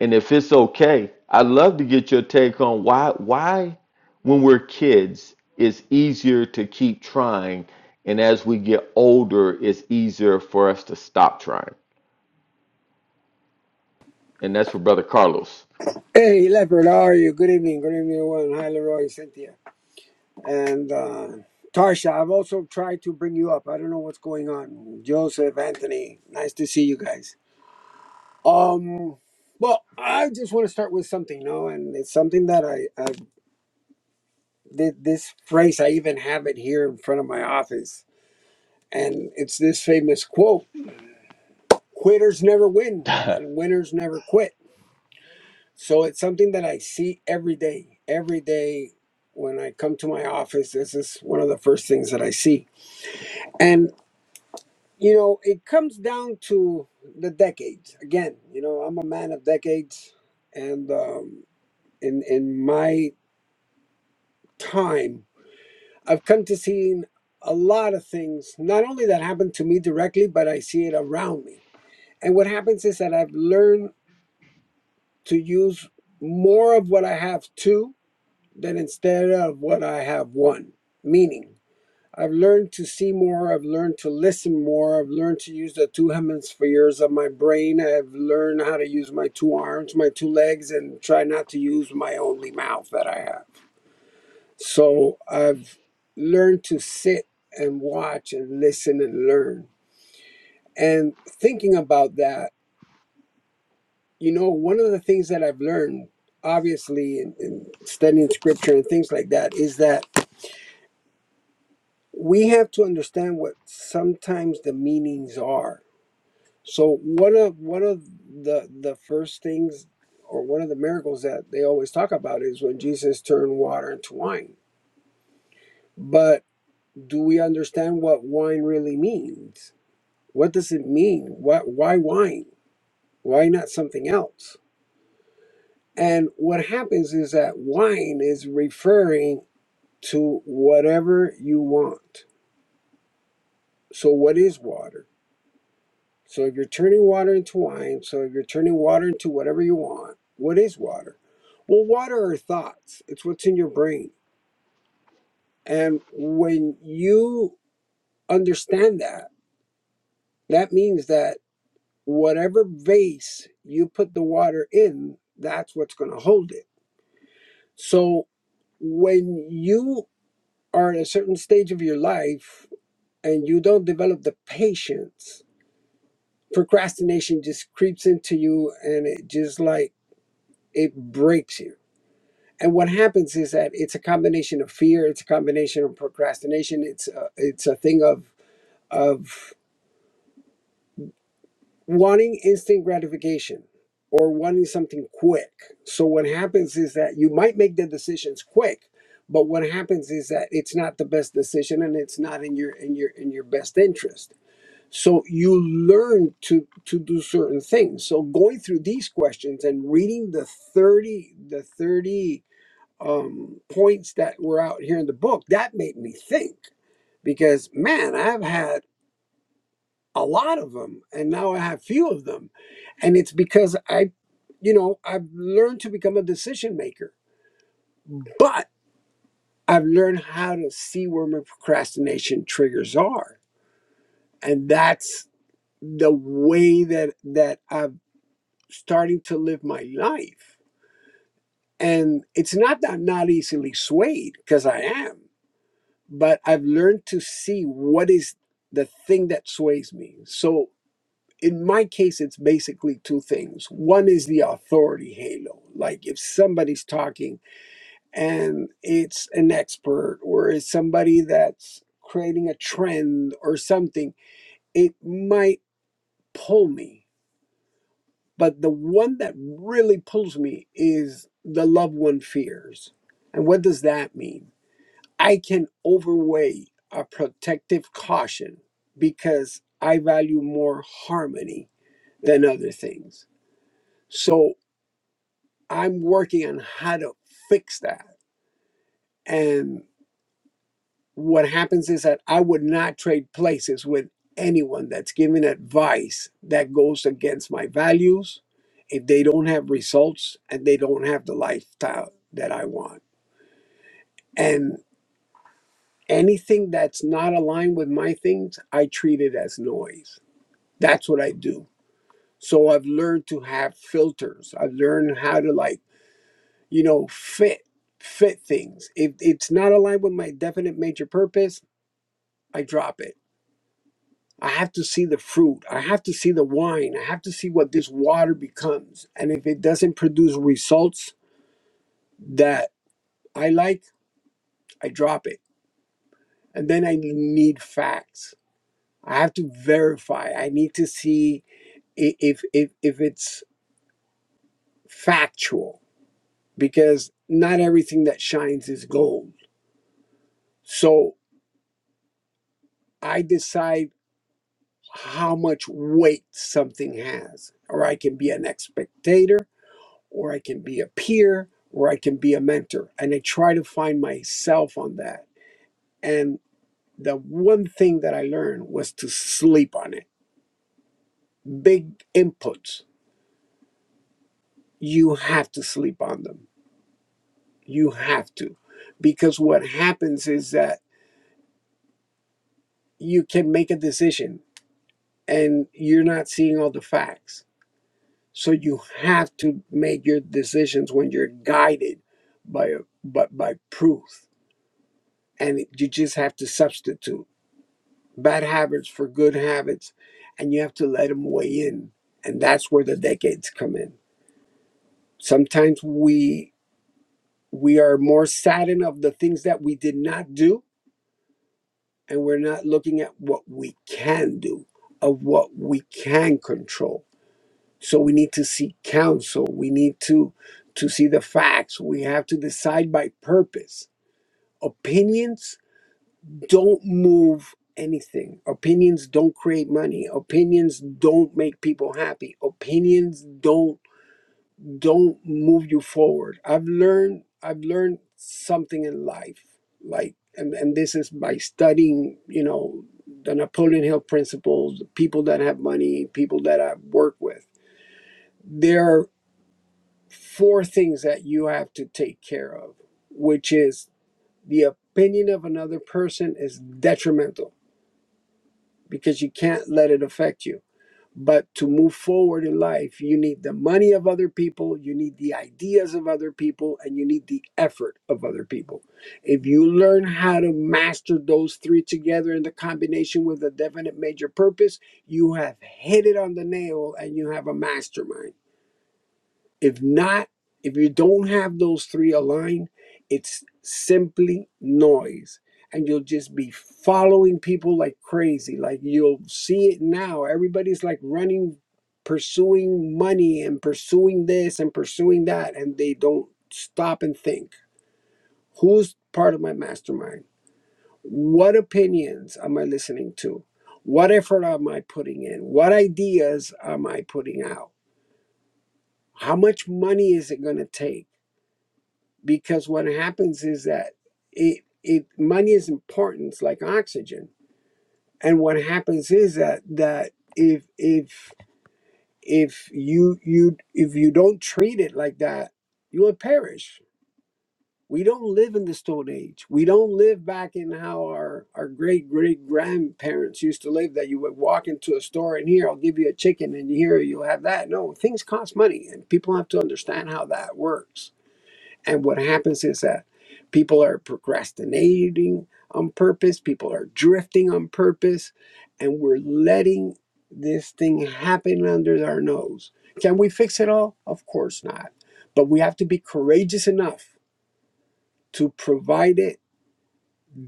[SPEAKER 1] And if it's okay, I'd love to get your take on why why when we're kids it's easier to keep trying, and as we get older, it's easier for us to stop trying. And that's for Brother Carlos.
[SPEAKER 5] Hey, Leopard, how are you? Good evening. Good evening, everyone. Hi, Leroy, Cynthia, and uh, Tarsha. I've also tried to bring you up. I don't know what's going on. Joseph, Anthony, nice to see you guys. Um, well, I just want to start with something, you know, and it's something that I, I did this phrase. I even have it here in front of my office, and it's this famous quote: "Quitters never win,
[SPEAKER 1] *laughs*
[SPEAKER 5] and winners never quit." So it's something that I see every day. Every day when I come to my office, this is one of the first things that I see. And, you know, it comes down to the decades. Again, you know, I'm a man of decades. And um, in, in my time, I've come to seeing a lot of things, not only that happen to me directly, but I see it around me. And what happens is that I've learned to use more of what I have too than instead of what I have won. Meaning, I've learned to see more, I've learned to listen more, I've learned to use the two hemispheres of my brain, I've learned how to use my two arms, my two legs, and try not to use my only mouth that I have. So I've learned to sit and watch and listen and learn. And thinking about that, you know, one of the things that I've learned, obviously, in, in studying scripture and things like that, is that we have to understand what sometimes the meanings are. So one of one of the the first things or one of the miracles that they always talk about is when Jesus turned water into wine. But do we understand what wine really means? What does it mean? What why wine? Why not something else? And what happens is that wine is referring to whatever you want. So what is water? So if you're turning water into wine, so if you're turning water into whatever you want, what is water? Well, water are thoughts. It's what's in your brain. And when you understand that, that means that whatever vase you put the water in, that's what's going to hold it. So when you are at a certain stage of your life and you don't develop the patience, procrastination just creeps into you and it just like it breaks you and what happens is that it's a combination of fear it's a combination of procrastination it's a, it's a thing of of wanting instant gratification or wanting something quick so what happens is that you might make the decisions quick but what happens is that it's not the best decision and it's not in your in your in your best interest so you learn to to do certain things so going through these questions and reading the 30 the 30 um, points that were out here in the book, that made me think because, man, I've had a lot of them and now I have few of them. And it's because I, you know, I've learned to become a decision maker, but I've learned how to see where my procrastination triggers are. And that's the way that, that I'm starting to live my life. And it's not that I'm not easily swayed because I am. but I've learned to see what is the thing that sways me. So in my case, it's basically two things. One is the authority halo. Like if somebody's talking and it's an expert or it's somebody that's creating a trend or something, it might pull me. But the one that really pulls me is the loved one fears. And what does that mean? I can overweigh a protective caution because I value more harmony than other things. So I'm working on how to fix that. And what happens is that I would not trade places with anyone that's giving advice that goes against my values if they don't have results and they don't have the lifestyle that I want. And anything that's not aligned with my things, I treat it as noise that's what I do. So I've learned to have filters. I've learned how to like, you know, fit fit things. If it's not aligned with my definite major purpose, I drop it. I have to see the fruit. I have to see the wine. I have to see what this water becomes. And if it doesn't produce results that I like, I drop it. And then I need facts. I have to verify. I need to see i- if if if it's factual because not everything that shines is gold. So I decide how much weight something has, or I can be an spectator, or I can be a peer, or I can be a mentor. And I try to find myself on that. And the one thing that I learned was to sleep on it. Big inputs, you have to sleep on them. You have to. Because what happens is that you can make a decision and you're not seeing all the facts. So you have to make your decisions when you're guided by by, by proof, and you just have to substitute bad habits for good habits, and you have to let them weigh in, and that's where the decades come in. Sometimes we we are more saddened of the things that we did not do, and we're not looking at what we can do, of what we can control So we need to seek counsel. We need to to see the facts. We have to decide by purpose. Opinions don't move anything. Opinions don't create money. Opinions don't make people happy. Opinions don't don't move you forward. I've learned I've learned something in life. Like and, and this is by studying, you know, the Napoleon Hill principles, people that have money, people that I've worked with. There four things that you have to take care of, which is the opinion of another person is detrimental because you can't let it affect you. But to move forward in life, you need the money of other people, you need the ideas of other people, and you need the effort of other people. If you learn how to master those three together in the combination with a definite major purpose, you have hit it on the nail and you have a mastermind if not, if you don't have those three aligned, it's simply noise. And you'll just be following people like crazy. Like you'll see it now. Everybody's like running, pursuing money and pursuing this and pursuing that. And they don't stop and think who's part of my mastermind? What opinions am I listening to? What effort am I putting in? What ideas am I putting out? How much money is it going to take? because what happens is that it it money is important like oxygen and what happens is that that if if if you you if you don't treat it like that you will perish we don't live in the stone age we don't live back in how our our great great grandparents used to live that you would walk into a store and here i'll give you a chicken and here you'll have that no things cost money and people have to understand how that works and what happens is that people are procrastinating on purpose, people are drifting on purpose, and we're letting this thing happen under our nose. Can we fix it all? Of course not. But we have to be courageous enough to provide it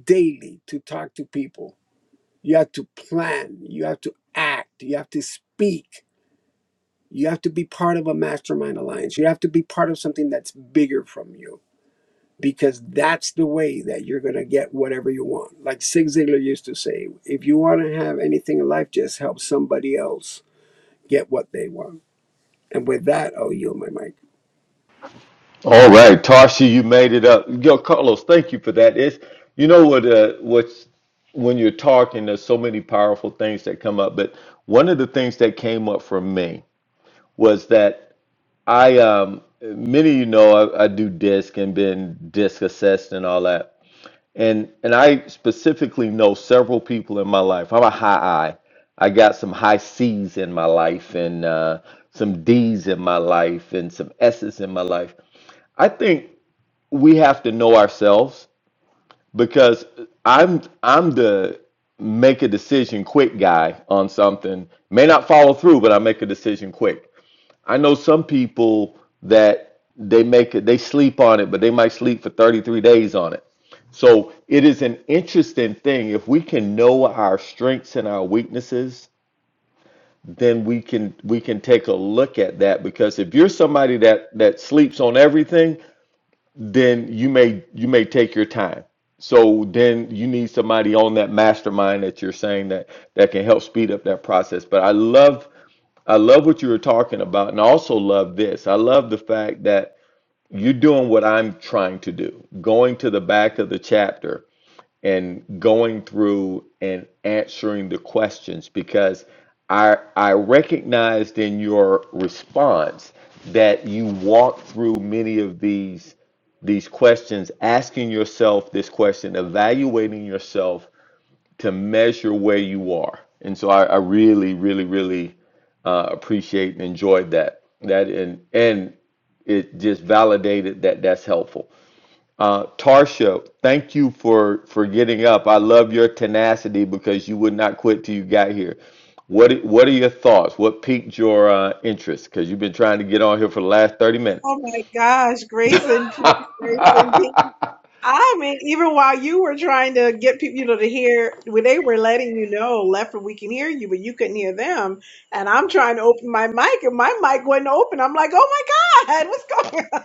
[SPEAKER 5] daily, to talk to people. You have to plan, you have to act, you have to speak. You have to be part of a mastermind alliance. You have to be part of something that's bigger from you because that's the way that you're going to get whatever you want. Like Zig Ziglar used to say, if you want to have anything in life, just help somebody else get what they want. And with that, I'll yield my mic.
[SPEAKER 1] All right, Tarsha, you made it up. Yo, Carlos, thank you for that. It's you know what uh, what's when you're talking, there's so many powerful things that come up. But one of the things that came up for me was that I um many of you know I, I do disc and been disc assessed and all that. And and I specifically know several people in my life. I'm a high I. I got some high C's in my life and uh, some D's in my life and some S's in my life. I think we have to know ourselves because I'm I'm the make a decision quick guy on something. May not follow through, but I make a decision quick. I know some people that they make it they sleep on it, but they might sleep for 33 days on it. So it is an interesting thing. If we can know our strengths and our weaknesses, then we can we can take a look at that because if you're somebody that that sleeps on everything, then you may you may take your time. So then you need somebody on that mastermind that you're saying that that can help speed up that process. But I love I love what you were talking about, and I also love this. I love the fact that you're doing what I'm trying to do, going to the back of the chapter and going through and answering the questions because I I recognized in your response that you walked through many of these these questions, asking yourself this question, evaluating yourself to measure where you are. And so I, I really, really, really uh, appreciate and enjoyed that. That and and it just validated that that's helpful. Uh, Tarsha, thank you for for getting up. I love your tenacity because you would not quit till you got here. What what are your thoughts? What piqued your uh, interest? Because you've been trying to get on here for the last thirty minutes.
[SPEAKER 6] Oh my gosh, grace and peace, grace and
[SPEAKER 1] *laughs*
[SPEAKER 6] peace. I mean, even while you were trying to get people, you know, to hear, when they were letting you know, left, we can hear you, but you couldn't hear them. And I'm trying to open my mic, and my mic wasn't open. I'm like, oh my God, what's going on? *laughs*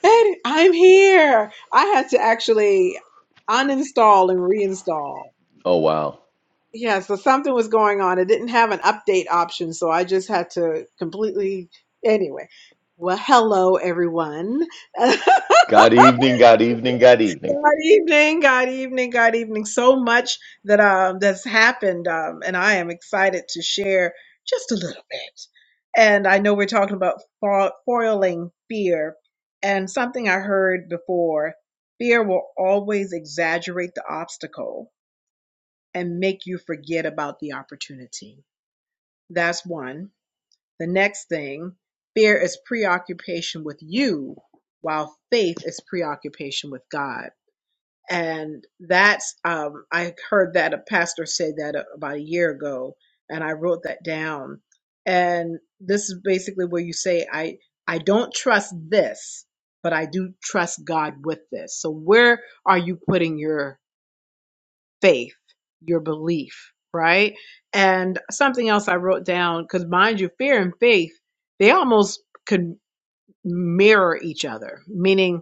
[SPEAKER 6] And I'm here. I had to actually uninstall and reinstall.
[SPEAKER 1] Oh wow!
[SPEAKER 6] Yeah, so something was going on. It didn't have an update option, so I just had to completely. Anyway, well, hello everyone. *laughs*
[SPEAKER 1] God evening, God evening, God evening.
[SPEAKER 6] Good evening, good evening, good evening. So much that um that's happened, um, and I am excited to share just a little bit. And I know we're talking about fo- foiling fear, and something I heard before: fear will always exaggerate the obstacle and make you forget about the opportunity that's one. The next thing, fear is preoccupation with you, while faith is preoccupation with God. And that's, um, I heard that a pastor say that about a year ago, and I wrote that down. And this is basically where you say, I, I don't trust this, but I do trust God with this. So where are you putting your faith, your belief, right? And something else I wrote down, because mind you, fear and faith, they almost could mirror each other, meaning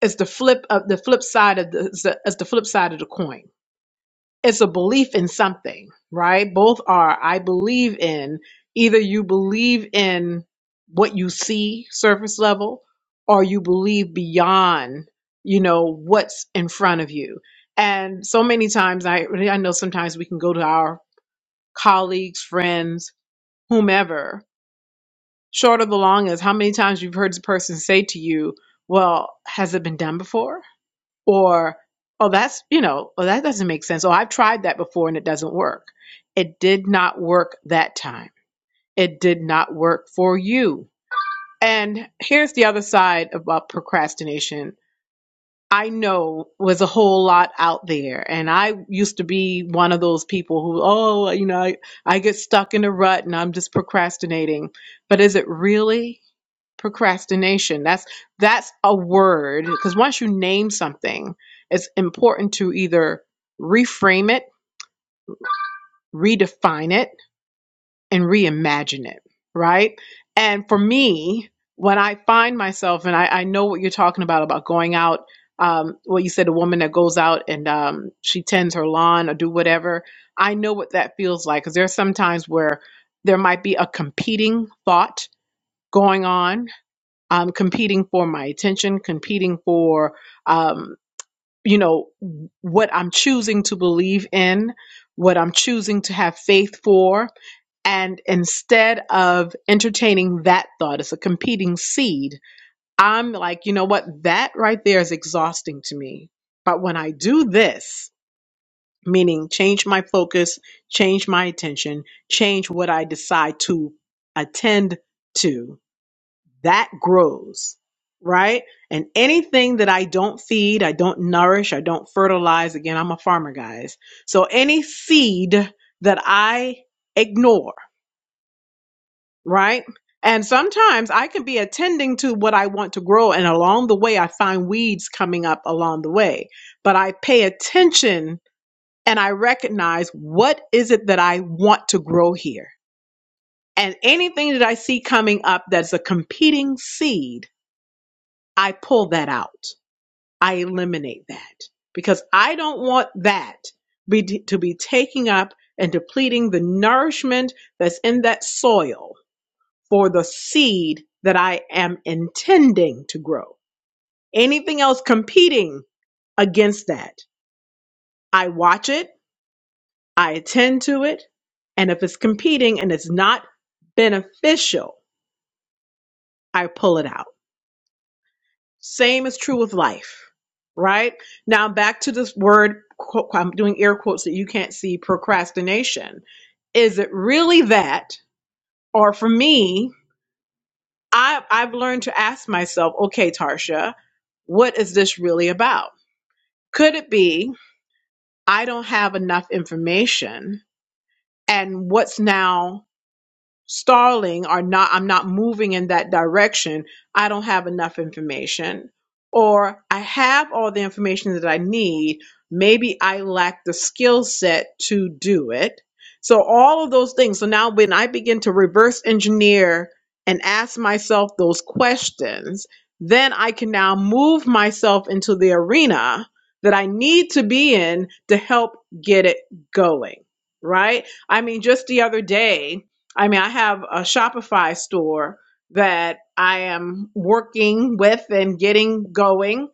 [SPEAKER 6] it's the flip of the flip side of the it's the it's the flip side of the coin it's a belief in something, right? Both are I believe in either you believe in what you see surface level or you believe beyond, you know, what's in front of you. And so many times I I know sometimes we can go to our colleagues, friends, whomever, short of the long is how many times you've heard the person say to you, well, has it been done before? or oh that's you know oh that doesn't make sense oh i've tried that before and it doesn't work it did not work that time it did not work for you and here's the other side about procrastination I know was a whole lot out there. And I used to be one of those people who, oh, you know, I, I get stuck in a rut and I'm just procrastinating. But is it really procrastination? That's that's a word because once you name something, it's important to either reframe it, redefine it, and reimagine it, right? And for me, when I find myself, and I, I know what you're talking about about going out, um, well, you said a woman that goes out and um, she tends her lawn or do whatever. I know what that feels like because there's some times where there might be a competing thought going on, um, competing for my attention, competing for, um, you know, what I'm choosing to believe in, what I'm choosing to have faith for and instead of entertaining that thought it's a competing seed, I'm like, you know what? That right there is exhausting to me. But when I do this, meaning change my focus, change my attention, change what I decide to attend to, that grows, right? And anything that I don't feed, I don't nourish, I don't fertilize, again, I'm a farmer, guys. So any seed that I ignore, right? And sometimes I can be attending to what I want to grow, and along the way, I find weeds coming up along the way. But I pay attention and I recognize what is it that I want to grow here. And anything that I see coming up that's a competing seed, I pull that out. I eliminate that because I don't want that be, to be taking up and depleting the nourishment that's in that soil for the seed that I am intending to grow. Anything else competing against that, I watch it, I attend to it, and if it's competing and it's not beneficial, I pull it out. Same is true with life, right? Now back to this word, quote, I'm doing air quotes that you can't see procrastination. Is it really that? Or for me, I, I've learned to ask myself, okay, Tarsha, what is this really about? Could it be I don't have enough information? And what's now stalling or not I'm not moving in that direction, I don't have enough information or I have all the information that I need, maybe I lack the skill set to do it. So all of those things. So now when I begin to reverse engineer and ask myself those questions, then I can now move myself into the arena that I need to be in to help get it going, right? I mean just the other day, I mean, I have a Shopify store that I am working with and getting going.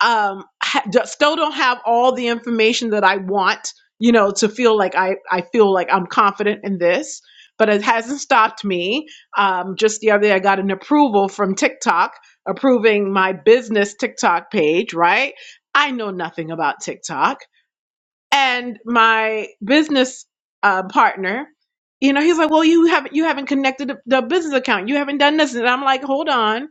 [SPEAKER 6] Um, ha- still don't have all the information that I want, you know, to feel like I, I feel like I'm confident in this, but it hasn't stopped me. Um, just the other day, I got an approval from TikTok approving my business TikTok page, right? I know nothing about TikTok and my business uh, partner you know he's like well you haven't you haven't connected the, the business account you haven't done this and i'm like hold on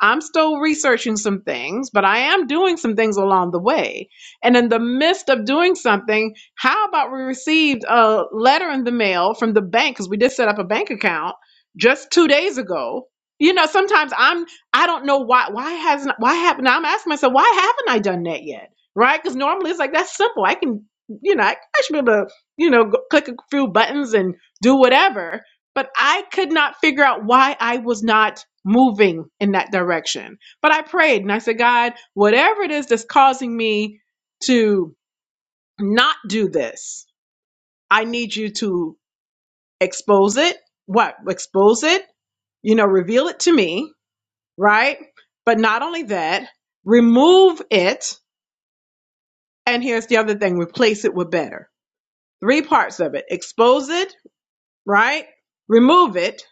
[SPEAKER 6] i'm still researching some things but i am doing some things along the way and in the midst of doing something how about we received a letter in the mail from the bank because we did set up a bank account just two days ago you know sometimes i'm i don't know why why hasn't why haven't i'm asking myself why haven't i done that yet right? Because normally it's like that's simple. I can you know, I, I should be able to, you know, go, click a few buttons and do whatever. But I could not figure out why I was not moving in that direction. But I prayed and I said, God, whatever it is that's causing me to not do this, I need you to expose it. What? Expose it, you know, reveal it to me, right? But not only that, remove it. And here's the other thing replace it with better. Three parts of it expose it, right? Remove it,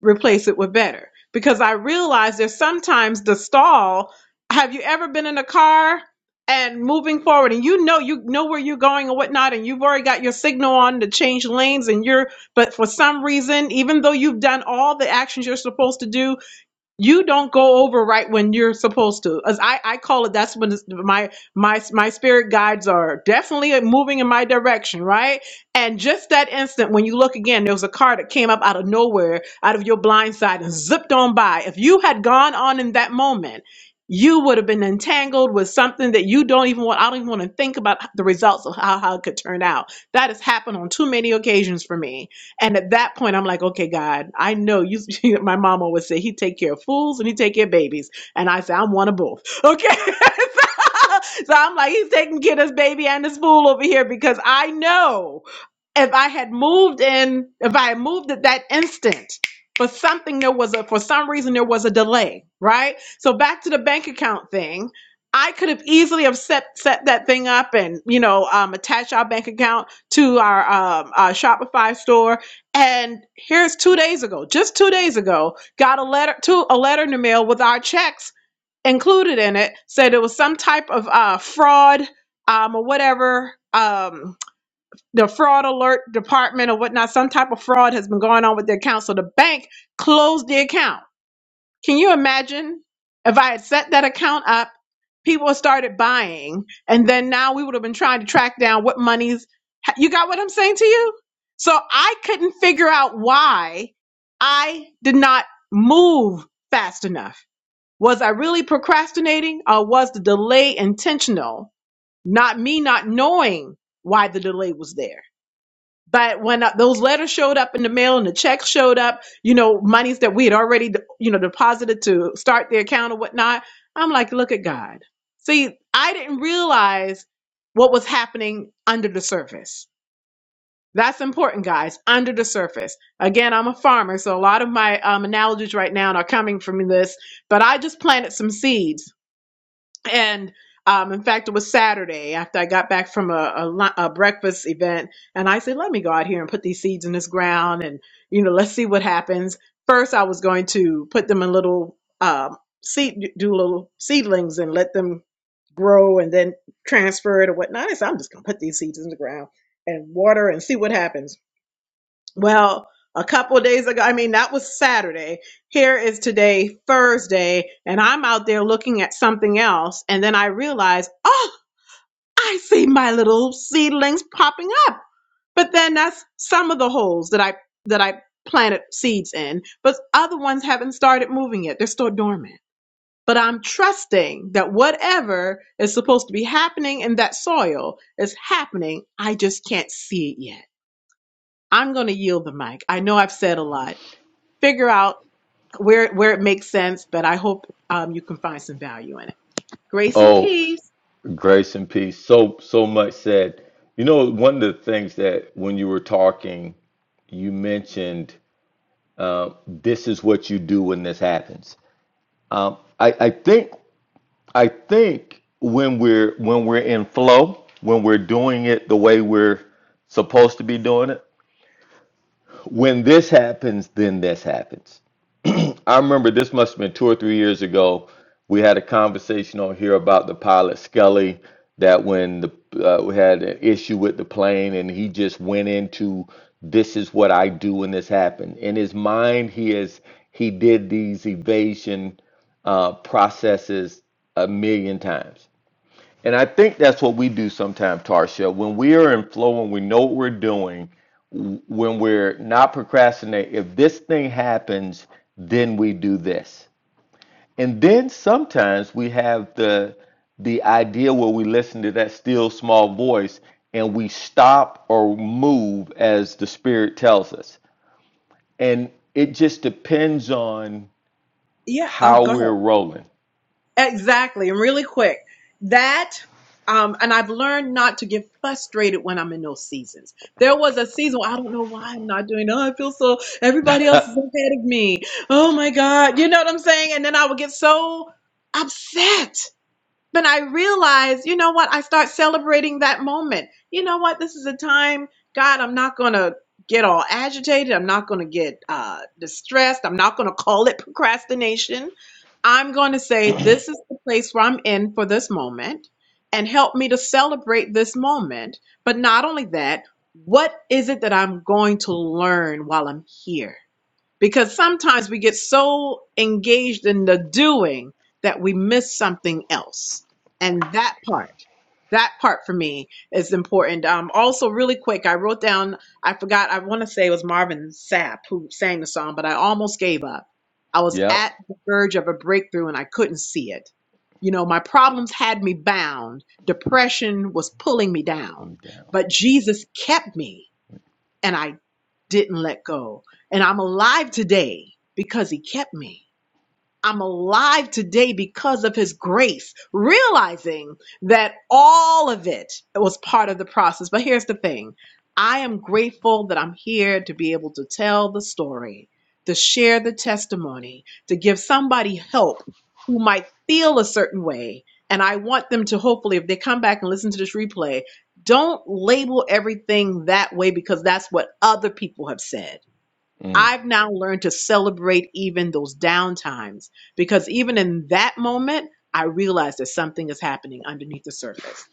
[SPEAKER 6] replace it with better. Because I realize there's sometimes the stall. Have you ever been in a car and moving forward and you know you know where you're going and whatnot and you've already got your signal on to change lanes and you're but for some reason, even though you've done all the actions you're supposed to do, you don't go over right when you're supposed to as i i call it that's when it's, my my my spirit guides are definitely moving in my direction right and just that instant when you look again there was a car that came up out of nowhere out of your blind side and zipped on by if you had gone on in that moment you would have been entangled with something that you don't even want i don't even want to think about the results of how, how it could turn out that has happened on too many occasions for me and at that point, I'm like, okay, God, I know you. *laughs* My mom always say he take care of fools and he take care of babies, and I say I'm one of both. Okay. *laughs* So I'm like, he's taking care of this baby and this fool over here because I know if I had moved in, if I had moved at that instant for something, there was a, for some reason, there was a delay, right? So back to the bank account thing, I could have easily have set, set that thing up and, you know, um, attach our bank account to our, um, our Shopify store. And here's two days ago, just two days ago, got a letter to a letter in the mail with our checks included in it, said it was some type of, uh, fraud, um, or whatever, um, the fraud alert department or whatnot, some type of fraud has been going on with the account. So the bank closed the account. Can you imagine if I had set that account up, people started buying, and then now we would have been trying to track down what monies you got what I'm saying to you? So I couldn't figure out why I did not move fast enough. Was I really procrastinating or was the delay intentional? Not me not knowing why the delay was there. But when uh, those letters showed up in the mail and the checks showed up, you know, monies that we had already, you know, deposited to start the account or whatnot, I'm like, look at God. See, I didn't realize what was happening under the surface. That's important, guys, under the surface. Again, I'm a farmer, so a lot of my um, analogies right now are coming from this, but I just planted some seeds and um, in fact, it was Saturday after I got back from a, a, lu- a breakfast event, and I said, "Let me go out here and put these seeds in this ground, and you know, let's see what happens." First, I was going to put them in little um, seed, do little seedlings, and let them grow, and then transfer it or whatnot. I said, "I'm just going to put these seeds in the ground and water and see what happens." Well, a couple of days ago, I mean, that was Saturday. Here is today, Thursday, and I'm out there looking at something else. And then I realize, oh, I see my little seedlings popping up. But then that's some of the holes that I, that I planted seeds in, but other ones haven't started moving yet. They're still dormant. But I'm trusting that whatever is supposed to be happening in that soil is happening. I just can't see it yet. I'm going to yield the mic. I know I've said a lot figure out where where it makes sense, but I hope um, you can find some value in it. Grace and
[SPEAKER 1] Oh,
[SPEAKER 6] peace.
[SPEAKER 1] grace and peace. So so much said. You know, one of the things that when you were talking, you mentioned uh, this is what you do when this happens. Um, I, I think I think when we're when we're in flow, when we're doing it the way we're supposed to be doing it, when this happens, then this happens. I remember this must have been two or three years ago. We had a conversation on here about the pilot Scully that when the uh, we had an issue with the plane and he just went into this is what I do when this happened. In his mind, he is he did these evasion uh, processes a million times and I think that's what we do sometimes, Tarsha. When we are in flow and we know what we're doing, w- when we're not procrastinating, if this thing happens, then we do this. And then sometimes we have the the idea where we listen to that still small voice and we stop or move as the spirit tells us. And it just depends on
[SPEAKER 6] Yeah, uh,
[SPEAKER 1] how
[SPEAKER 6] go
[SPEAKER 1] we're
[SPEAKER 6] ahead.
[SPEAKER 1] rolling.
[SPEAKER 6] Exactly, and really quick. That, um, and I've learned not to get frustrated when I'm in those seasons. There was a season where I don't know why I'm not doing. Oh, I feel so. Everybody else is ahead of me. Oh my God, you know what I'm saying? And then I would get so upset but I realize, you know what? I start celebrating that moment. You know what? This is a time, God, I'm not going to get all agitated. I'm not going to get uh, distressed. I'm not going to call it procrastination. I'm going to say, this is the place where I'm in for this moment and help me to celebrate this moment. But not only that, what is it that I'm going to learn while I'm here? because sometimes we get so engaged in the doing that we miss something else. And that part, that part for me is important. Um, also, really quick, I wrote down, I forgot, I want to say it was Marvin Sapp who sang the song, but I almost gave up. I was at
[SPEAKER 1] Yep.
[SPEAKER 6] the verge of a breakthrough and I couldn't see it. You know, my problems had me bound. Depression was pulling me
[SPEAKER 1] Let
[SPEAKER 6] down,
[SPEAKER 1] me down.
[SPEAKER 6] but Jesus kept me and I didn't let go. And I'm alive today because he kept me. I'm alive today because of his grace, realizing that all of it was part of the process. But here's the thing I am grateful that I'm here to be able to tell the story, to share the testimony, to give somebody help who might feel a certain way. And I want them to hopefully, if they come back and listen to this replay, don't label everything that way because that's what other people have said
[SPEAKER 1] Mm.
[SPEAKER 6] I've now learned to celebrate even those down times because even in that moment, I realize that something is happening underneath the surface.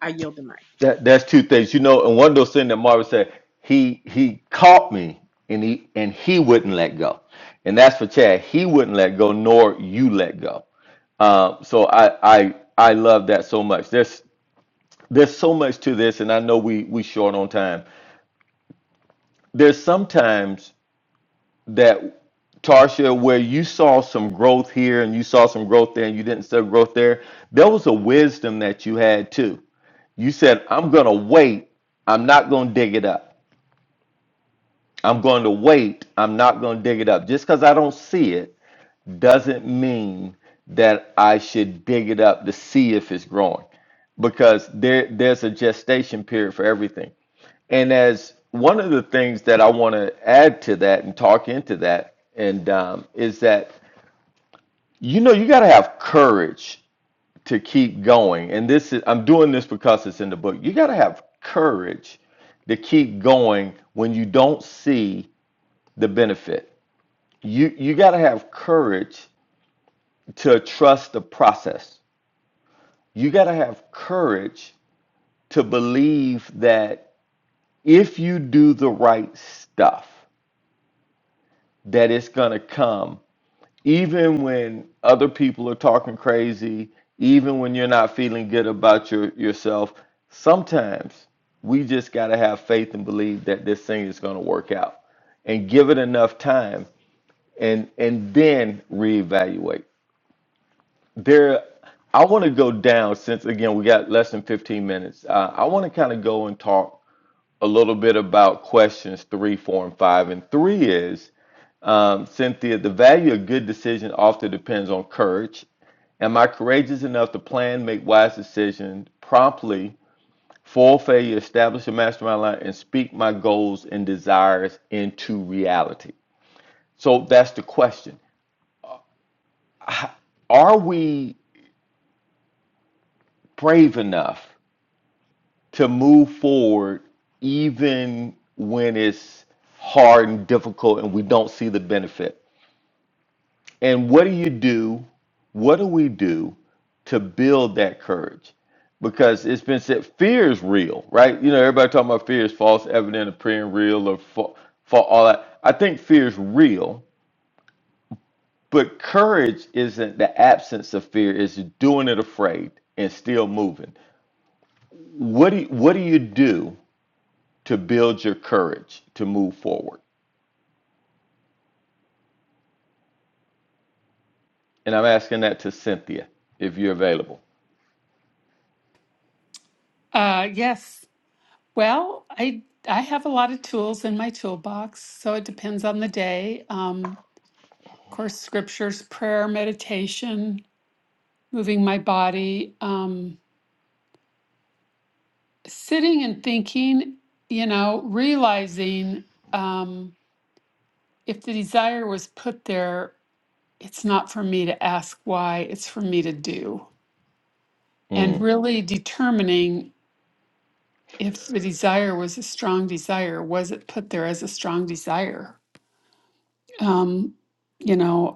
[SPEAKER 6] I yield the mic.
[SPEAKER 1] That that's two things, you know. And one of those things that Marvin said, he he caught me, and he and he wouldn't let go, and that's for Chad. He wouldn't let go, nor you let go. Um, so I I I love that so much. There's there's so much to this, and I know we we short on time. There's sometimes that Tarsha, where you saw some growth here and you saw some growth there, and you didn't see growth there. There was a wisdom that you had too. You said, "I'm gonna wait. I'm not gonna dig it up." I'm going to wait. I'm not going to dig it up. Just because I don't see it doesn't mean that I should dig it up to see if it's growing because there there's a gestation period for everything. And as one of the things that I want to add to that and talk into that and um, is that you know you got to have courage to keep going. And this is I'm doing this because it's in the book. You got to have courage to keep going when you don't see the benefit you you got to have courage to trust the process you got to have courage to believe that if you do the right stuff that it's going to come even when other people are talking crazy even when you're not feeling good about your yourself sometimes we just got to have faith and believe that this thing is going to work out and give it enough time and and then reevaluate There, I want to go down since again we got less than 15 minutes. Uh, I want to kind of go and talk a little bit about questions three, four, and five. And three is um, Cynthia, the value of good decision often depends on courage. Am I courageous enough to plan, make wise decisions promptly, full failure, establish a mastermind line, and speak my goals and desires into reality? So that's the question. Are we brave enough? to move forward even when it's hard and difficult and we don't see the benefit. And what do you do? What do we do to build that courage? Because it's been said fear is real, right? You know, everybody talking about fear is false, evident, appearing real, or for, all that. I think fear is real, but courage isn't the absence of fear, it's doing it afraid and still moving. What do you, what do you do to build your courage to move forward. And I'm asking that to Cynthia, if you're available.
[SPEAKER 2] uh yes Well, I I have a lot of tools in my toolbox, so it depends on the day. Um, of course, scriptures, prayer, meditation, moving my body, um, sitting and thinking. You know, realizing um, if the desire was put there, it's not for me to ask why; it's for me to do, and
[SPEAKER 1] Mm.
[SPEAKER 2] really determining if the desire was a strong desire. Was it put there as a strong desire? Um, you know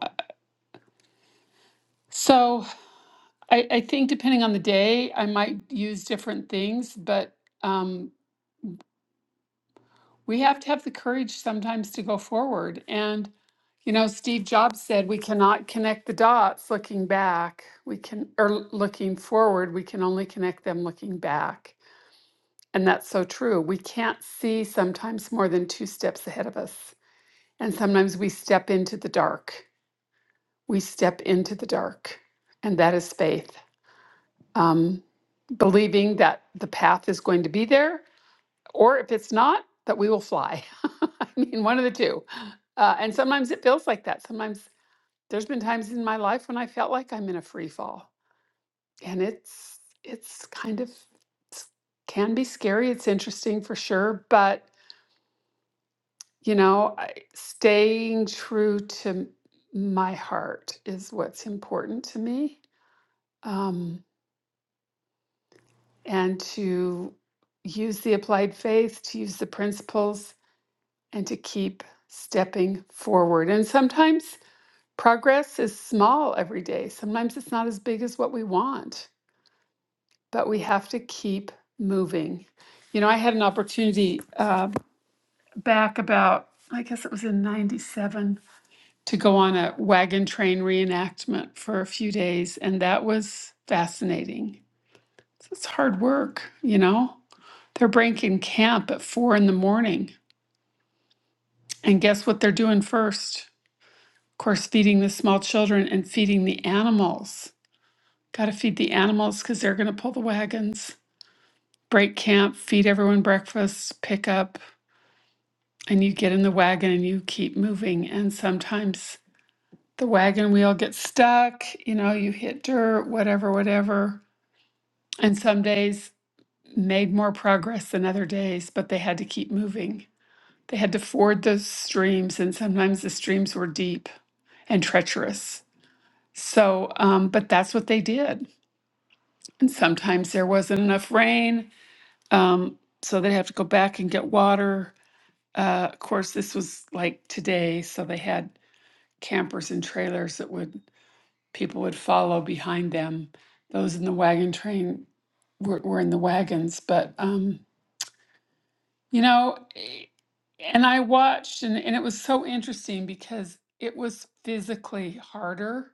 [SPEAKER 2] So I, I think depending on the day, I might use different things, but um, we have to have the courage sometimes to go forward. And, you know, Steve Jobs said we cannot connect the dots looking back. We can, or l- looking forward, we can only connect them looking back. And that's so true. We can't see sometimes more than two steps ahead of us. And sometimes we step into the dark. We step into the dark. And that is faith. um, believing that the path is going to be there, or if it's not, that we will fly. *laughs* I mean, one of the two. Uh, and sometimes it feels like that. Sometimes there's been times in my life when I felt like I'm in a free fall, and it's it's kind of s- can be scary. It's interesting for sure, but you know, I, staying true to m- my heart is what's important to me. Um, and to use the applied faith, to use the principles, and to keep stepping forward. And sometimes progress is small every day, sometimes it's not as big as what we want, but we have to keep moving. You know, I had an opportunity uh, back about, I guess it was in 97, to go on a wagon train reenactment for a few days, and that was fascinating. It's hard work, you know? They're breaking camp at four in the morning. And guess what they're doing first? Of course, feeding the small children and feeding the animals. Got to feed the animals because they're going to pull the wagons. Break camp, feed everyone breakfast, pick up, and you get in the wagon and you keep moving. And sometimes the wagon wheel gets stuck, you know, you hit dirt, whatever, whatever. And some days made more progress than other days, but they had to keep moving. They had to ford those streams, and sometimes the streams were deep and treacherous. So, um, but that's what they did. And sometimes there wasn't enough rain, um, so they'd have to go back and get water. Uh, of course, this was like today, so they had campers and trailers that would people would follow behind them. Those in the wagon train were, were in the wagons, but um, You know, eh, and I watched, and, and it was so interesting because it was physically harder.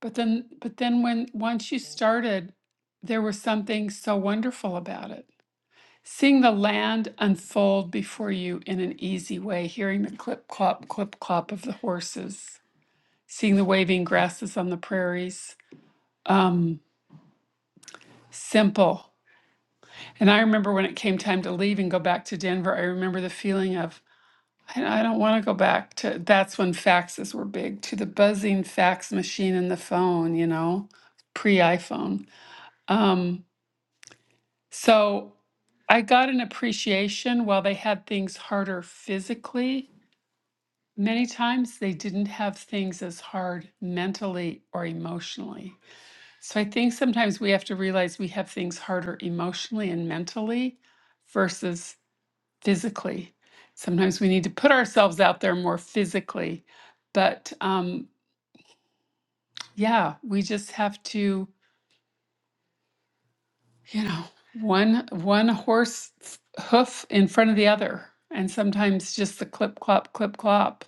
[SPEAKER 2] But then, but then when once you started, there was something so wonderful about it. Seeing the land unfold before you in an easy way, hearing the clip clop, clip clop of the horses, seeing the waving grasses on the prairies. Um, simple. And I remember when it came time to leave and go back to Denver, I remember the feeling of I I don't want to go back to that's when faxes were big, to the buzzing fax machine and the phone, you know, pre-iPhone. Um, so I got an appreciation while they had things harder physically. Many times they didn't have things as hard mentally or emotionally. So I think sometimes we have to realize we have things harder emotionally and mentally versus physically. Sometimes we need to put ourselves out there more physically. But um, yeah, we just have to, you know, one one horse hoof in front of the other, and sometimes just the clip clop clip clop.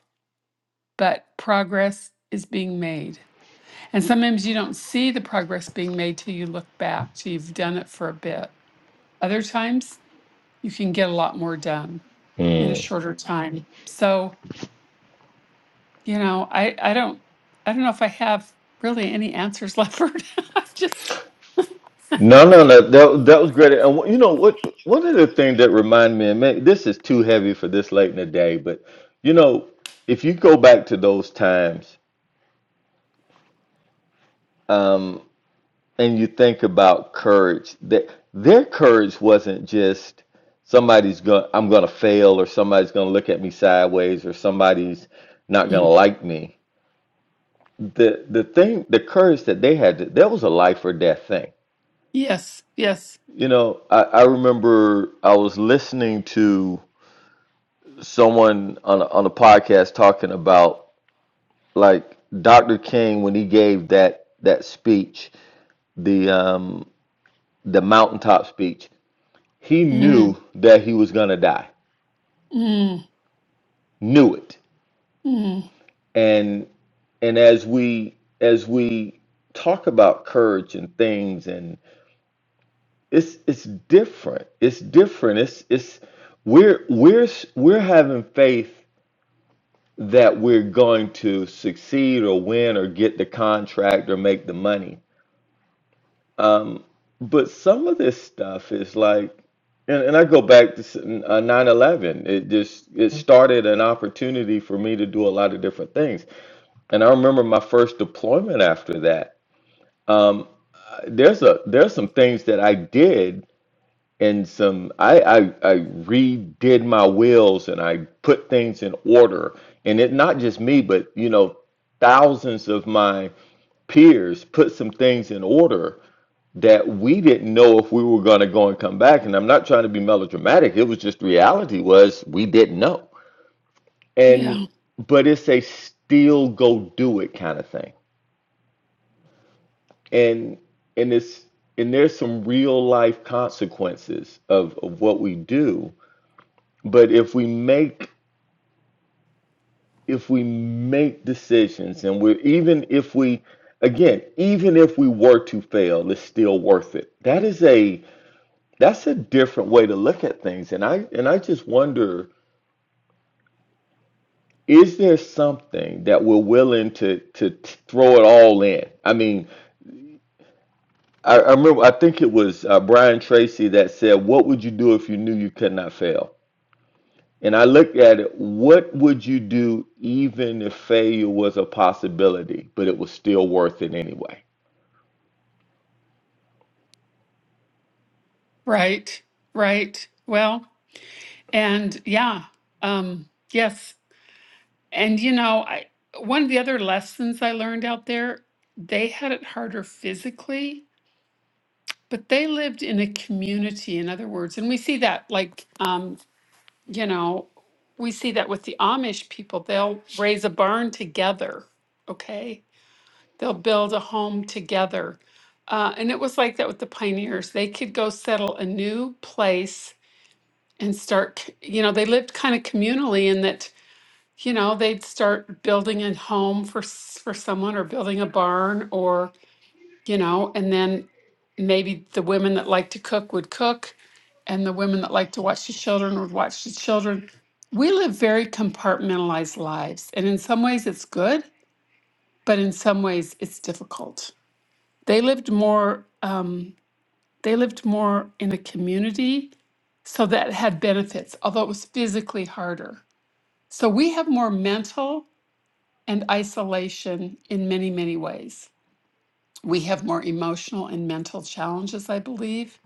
[SPEAKER 2] But progress is being made, and sometimes you don't see the progress being made till you look back, till you've done it for a bit. Other times you can get a lot more done in a shorter time. So You know, I I don't I don't know if I have really any answers *laughs* left for now. *laughs* I've just
[SPEAKER 1] No, no, no. That that was great. And you know what? One of the things that reminded me, and man, this is too heavy for this late in the day, but you know, if you go back to those times, um, and you think about courage, that their courage wasn't just somebody's going, I'm going to fail, or somebody's going to look at me sideways, or somebody's not going to
[SPEAKER 2] Mm.
[SPEAKER 1] like me the the thing the courage that they had that was a life or death thing
[SPEAKER 2] yes, yes.
[SPEAKER 1] you know i, I remember i was listening to someone on a, on a podcast talking about like dr king when he gave that that speech the um the mountaintop speech he knew
[SPEAKER 2] Mm,
[SPEAKER 1] that he was gonna die
[SPEAKER 2] mm,
[SPEAKER 1] knew it
[SPEAKER 2] mm.
[SPEAKER 1] and and as we as we talk about courage and things it's it's different. It's different. It's it's we're we're we're having faith that we're going to succeed or win or get the contract or make the money. Um, but some of this stuff is like, and, and I go back to s- uh, 9 eleven. It just it started an opportunity for me to do a lot of different things. And I remember my first deployment after that. There's a there's some things that I did and some I, I I redid my wills and I put things in order. And it not just me, but you know, thousands of my peers put some things in order that we didn't know if we were gonna go and come back. And I'm not trying to be melodramatic. It was just reality was we didn't know. And
[SPEAKER 2] Yeah,
[SPEAKER 1] but it's a still go do it kind of thing. And and it's and there's some real life consequences of, of what we do But if we make if we make decisions and we're even if we again, even if we were to fail, it's still worth it. That is a that's a different way to look at things. And I and I just wonder, is there something that we're willing to to t- throw it all in? I mean, I, I remember I think it was uh, Brian Tracy that said, "What would you do if you knew you could not fail?" And I looked at it, what would you do even if failure was a possibility, but it was still worth it anyway?
[SPEAKER 2] right, right. Well, and yeah, um, yes. And you know, I one of the other lessons I learned out there, they had it harder physically, but they lived in a community, in other words. And we see that like um you know, we see that with the Amish people, they'll raise a barn together, okay? They'll build a home together. Uh, and it was like that with the pioneers. They could go settle a new place and start, c- you know, they lived kind of communally in that, you know, they'd start building a home for s- for someone or building a barn you know, and then maybe the women that like to cook would cook, and the women that like to watch the children would watch the children. We live very compartmentalized lives, and in some ways it's good, but in some ways it's difficult. They lived more. Um, they lived more in a community, so that had benefits, although it was physically harder. So we have more mental and isolation in many, many ways. We have more emotional and mental challenges, I believe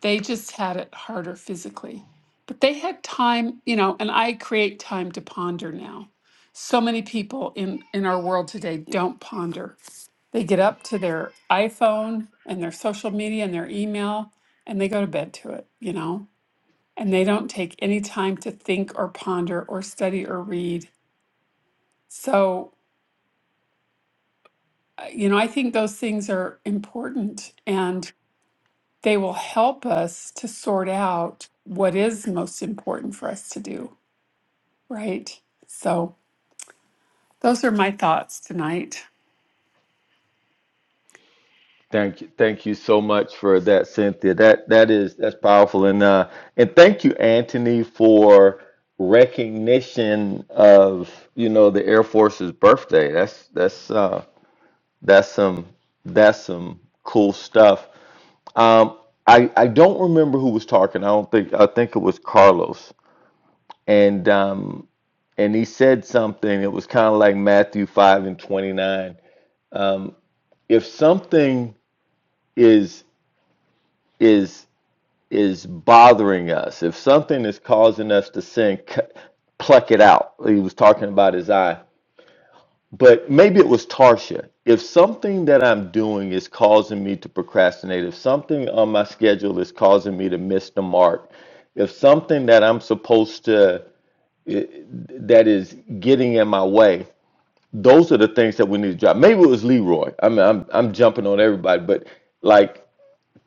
[SPEAKER 2] They just had it harder physically. But they had time, you know, and I create time to ponder now. So many people in, in our world today don't ponder. They get up to their iPhone and their social media and their email and they go to bed to it, you know, and they don't take any time to think or ponder or study or read. So, uh, you know, I think those things are important and they will help us to sort out what is most important for us to do. Right. So those are my thoughts tonight.
[SPEAKER 1] Thank you. Thank you so much for that, Cynthia. That that is that's powerful. And uh and thank you, Anthony, for recognition of, you know, the Air Force's birthday. That's that's uh that's some that's some cool stuff. Um I I don't remember who was talking. I don't think I think it was Carlos. And um and he said something. It was kind of like Matthew five and twenty nine. Um, if something is is is bothering us, if something is causing us to sin, pluck it out. He was talking about his eye, but maybe it was Tarsha. If something that I'm doing is causing me to procrastinate, if something on my schedule is causing me to miss the mark, if something that I'm supposed to that is getting in my way those are the things that we need to drop. Maybe it was Leroy. I mean, I'm I'm jumping on everybody, but like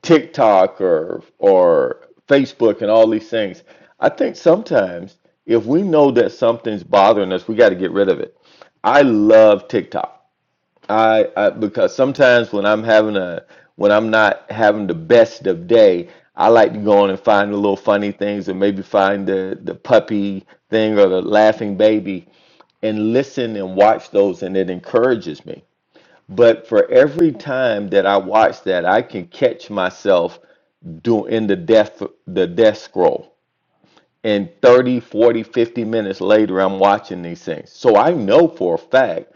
[SPEAKER 1] TikTok or or Facebook and all these things. I think sometimes if we know that something's bothering us, we got to get rid of it. I love TikTok. I, I because sometimes when I'm having a when I'm not having the best of day, I like to go on and find the little funny things and maybe find the the puppy thing or the laughing baby and listen and watch those and it encourages me. But for every time that I watch that, I can catch myself doing in the death the death scroll and 30, 40, 50 minutes later, I'm watching these things. So I know for a fact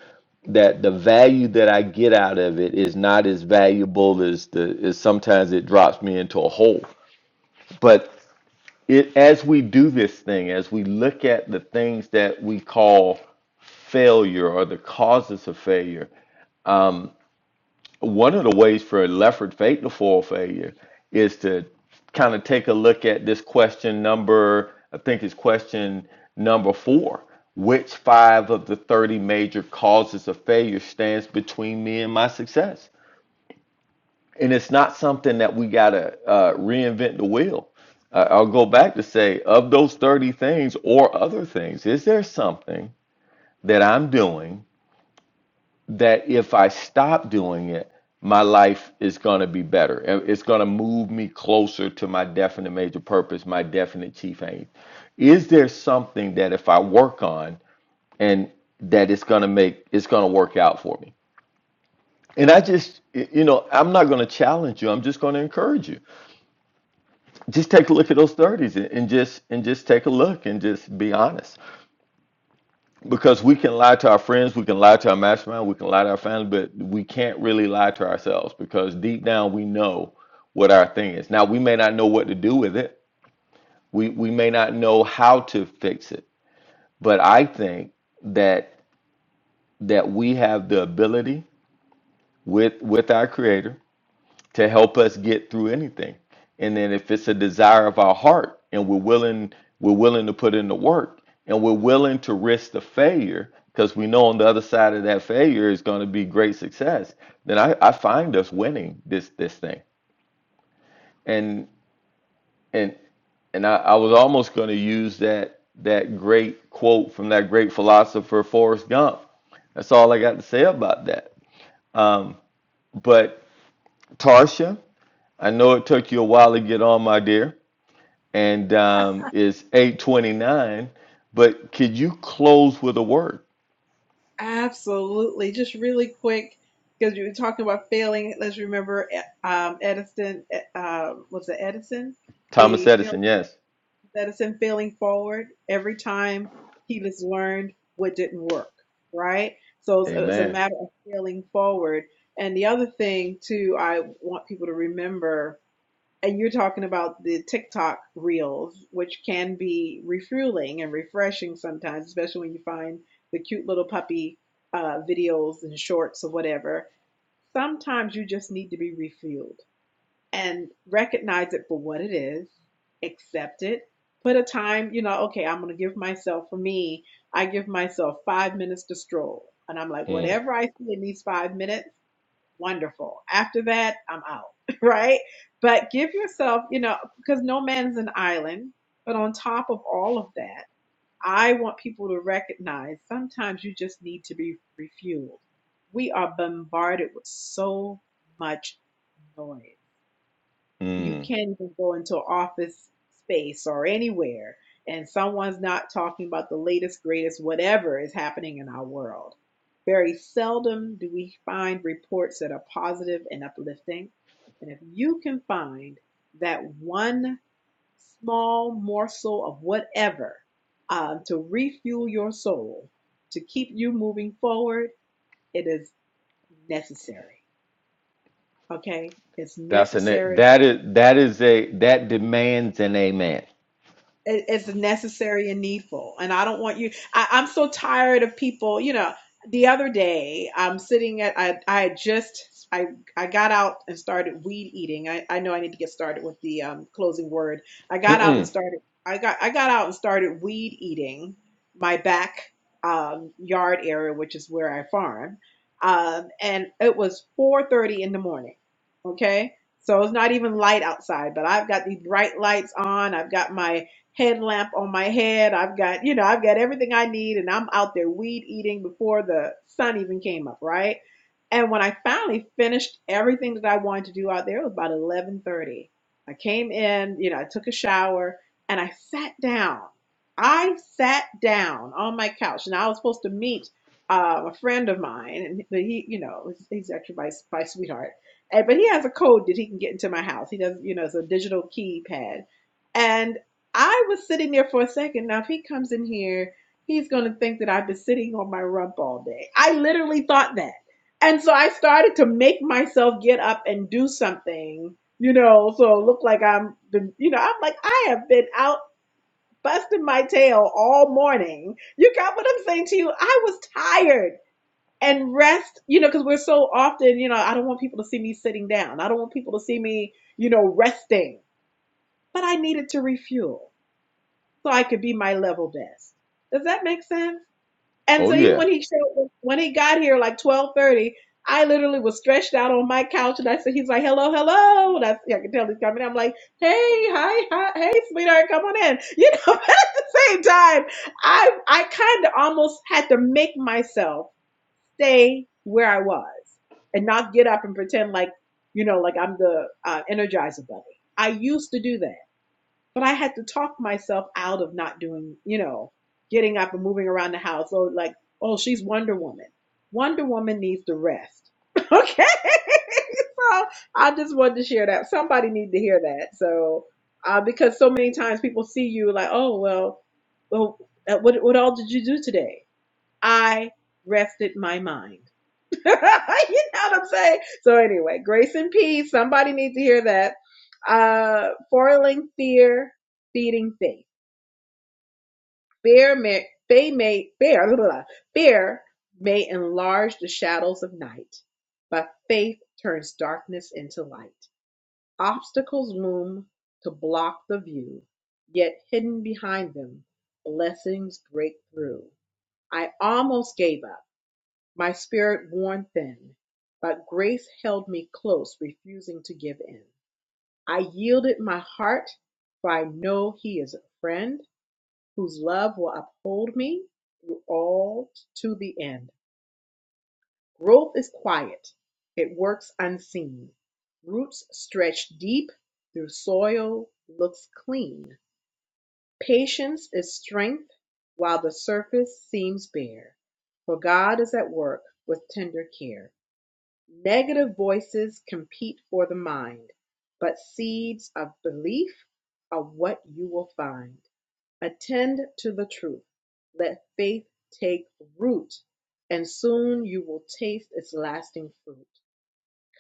[SPEAKER 1] that the value that I get out of it is not as valuable as the as sometimes it drops me into a hole. But it as we do this thing, as we look at the things that we call failure or the causes of failure, One of the ways for Lefford to fall failure is to kind of take a look at this question number, I think it's question number four. Which five of the 30 major causes of failure stands between me and my success? And it's not something that we got to uh, reinvent the wheel. I- I'll go back to say, of those 30 things or other things, is there something that I'm doing? that if I stop doing it, my life is going to be better. It- It's going to move me closer to my definite major purpose, my definite chief aim. Is there something that if I work on and that it's going to make, it's going to work out for me? And I just, y- you know, I'm not going to challenge you. I'm just going to encourage you. Just take a look at those 30s and and just and just take a look and just be honest. Because we can lie to our friends, we can lie to our mastermind, we can lie to our family, but we can't really lie to ourselves because deep down we know what our thing is. Now, we may not know what to do with it. We we may not know how to fix it. But I think that that we have the ability with with our creator to help us get through anything. And then if it's a desire of our heart and we're willing, we're willing to put in the work and we're willing to risk the failure, because we know on the other side of that failure is going to be great success, then I, I find us winning this this thing. And and and I, I was almost going to use that that great quote from that great philosopher Forrest Gump. That's all I got to say about that. Um, but Tarsha, I know it took you a while to get on, my dear. and um, it's 829. But could you close with a word?
[SPEAKER 6] Absolutely. Just really quick, because you were talking about failing. Let's remember eh, um, Edison. Uh, was it Edison?
[SPEAKER 1] Thomas
[SPEAKER 6] The fail-
[SPEAKER 1] Edison, yes.
[SPEAKER 6] Edison failing forward every time he just learned what didn't work, right? So it's, it's a
[SPEAKER 1] Amen.
[SPEAKER 6] matter of failing forward. And the other thing too, I want people to remember and you're talking about the TikTok reels, which can be refueling and refreshing sometimes, especially when you find the cute little puppy uh, videos and shorts or whatever. Sometimes you just need to be refueled and recognize it for what it is, accept it, put a time, you know, okay, I'm going to give myself, for me, I give myself five minutes to stroll. And I'm like,
[SPEAKER 1] Mm,
[SPEAKER 6] whatever I see in these five minutes, wonderful. After that, I'm out, *laughs* right? But give yourself, you know, because no man's an island. But on top of all of that, I want people to recognize sometimes you just need to be refueled. We are bombarded with so much noise you
[SPEAKER 1] mm.
[SPEAKER 6] can even go into an office space or anywhere and someone's not talking about the latest greatest whatever is happening in our world very seldom do we find reports that are positive and uplifting and if you can find that one small morsel of whatever um, to refuel your soul to keep you moving forward it is necessary okay it's
[SPEAKER 1] That's
[SPEAKER 6] necessary
[SPEAKER 1] an that is that is a that demands an amen.
[SPEAKER 6] it- it's necessary and needful. And I don't want you, I, I'm so tired of people, you know, the other day I'm sitting at, I, I had just, I, I got out and started weed eating. I, I know I need to get started with the um, closing word. I got out and
[SPEAKER 1] Mm-mm.
[SPEAKER 6] started, I got, I got out and started weed eating my back um, yard area, which is where I farm. Um, and it was 4.30 in the morning. Okay. So it's not even light outside, but I've got these bright lights on. I've got my headlamp on my head. I've got, you know, I've got everything I need and I'm out there weed eating before the sun even came up, right? And when I finally finished everything that I wanted to do out there, it was about 11:30. I came in, you know, I took a shower and I sat down. I sat down on my couch, and I was supposed to meet uh, a friend of mine, and but he, you know, he's actually my my sweetheart, and, but he has a code that he can get into my house. He does, you know, it's a digital keypad, and I was sitting there for a second. Now, if he comes in here, he's going to think that I've been sitting on my rump all day. I literally thought that. And so I started to make myself get up and do something, you know, so it looked like I'm the, you know, I'm like, I have been out busting my tail all morning. You got what I'm saying to you? I was tired and rest, you know, because we're so often, you know, I don't want people to see me sitting down. I don't want people to see me, you know, resting, but I needed to refuel so I could be my level best. Does that make sense? And
[SPEAKER 1] Oh
[SPEAKER 6] so even
[SPEAKER 1] yeah.
[SPEAKER 6] when he showed, when he got here like twelve thirty, I literally was stretched out on my couch, and I said, "He's like, hello, hello." And I, yeah, I could tell he's coming. I'm like, "Hey, hi, hi, hey, sweetheart, come on in." You know, *laughs* but at the same time, I I kind of almost had to make myself stay where I was and not get up and pretend like you know, like I'm the uh, Energizer Bunny. I used to do that but I had to talk myself out of not doing, you know, getting up and moving around the house. So like, oh, she's Wonder Woman. Wonder Woman needs to rest. *laughs* okay. *laughs* so I just wanted to share that. Somebody need to hear that. So, uh, because so many times people see you like, oh, well, well, uh, what, what all did you do today? I rested my mind. *laughs* you know what I'm saying? So anyway, grace and peace. Somebody needs to hear that. Uh, foiling fear, feeding faith. Fear may, they may, fear, blah, blah, blah. fear may enlarge the shadows of night, but faith turns darkness into light. Obstacles loom to block the view, yet hidden behind them, blessings break through. I almost gave up my spirit worn thin, but grace held me close, refusing to give in. I yielded my heart, for I know he is a friend whose love will uphold me through all to the end. Growth is quiet, it works unseen. Roots stretch deep through soil, looks clean. Patience is strength while the surface seems bare, for God is at work with tender care. Negative voices compete for the mind, but seeds of belief are what you will find. Attend to the truth. Let faith take root, and soon you will taste its lasting fruit.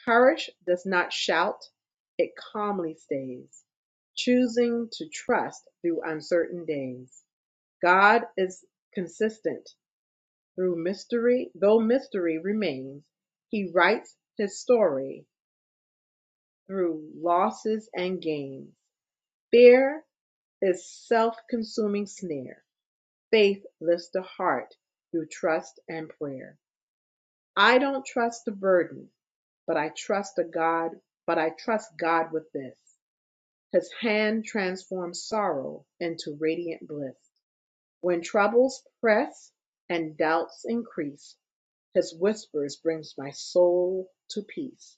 [SPEAKER 6] Courage does not shout, it calmly stays, choosing to trust through uncertain days. God is consistent through mystery, Though mystery remains, he writes his story through losses and gains. Fear is self-consuming snare. Faith lifts the heart through trust and prayer. I don't trust the burden, but I trust the God, but I trust God with this. His hand transforms sorrow into radiant bliss. When troubles press and doubts increase, His whispers brings my soul to peace.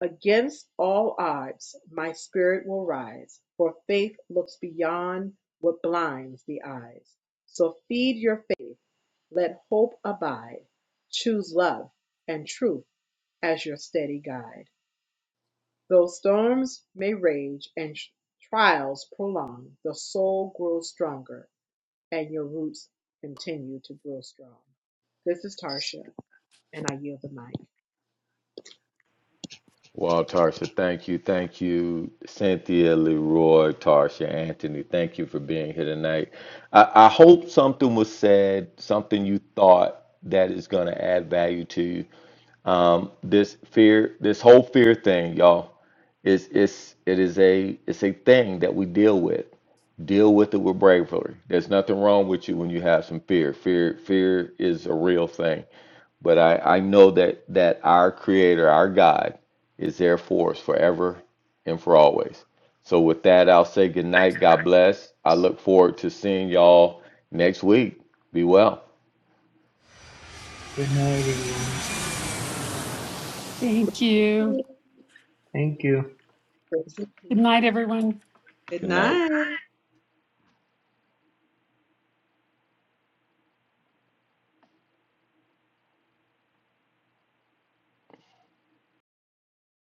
[SPEAKER 6] Against all odds my spirit will rise, for faith looks beyond what blinds the eyes. So feed your faith, let hope abide, choose love and truth as your steady guide. Though storms may rage and trials prolong, the soul grows stronger and your roots continue to grow strong. This is Tarsha, and I yield the mic.
[SPEAKER 1] Well, Tarsha, thank you. Thank you, Cynthia, Leroy, Tarsha, Anthony. Thank you for being here tonight. I, I hope something was said, something you thought that is going to add value to you. Um, this fear, this whole fear thing, y'all, is it's it is a it's a thing that we deal with. Deal with it with bravery. There's nothing wrong with you when you have some fear. Fear, fear is a real thing. But I, I know that, that our Creator, our God, is there for us forever and for always. So, with that, I'll say good night. God bless. I look forward to seeing y'all next week. Be well.
[SPEAKER 4] good night everyone
[SPEAKER 2] Thank you.
[SPEAKER 4] thank you
[SPEAKER 2] Good night, everyone.
[SPEAKER 6] Good
[SPEAKER 1] Good night.
[SPEAKER 6] night.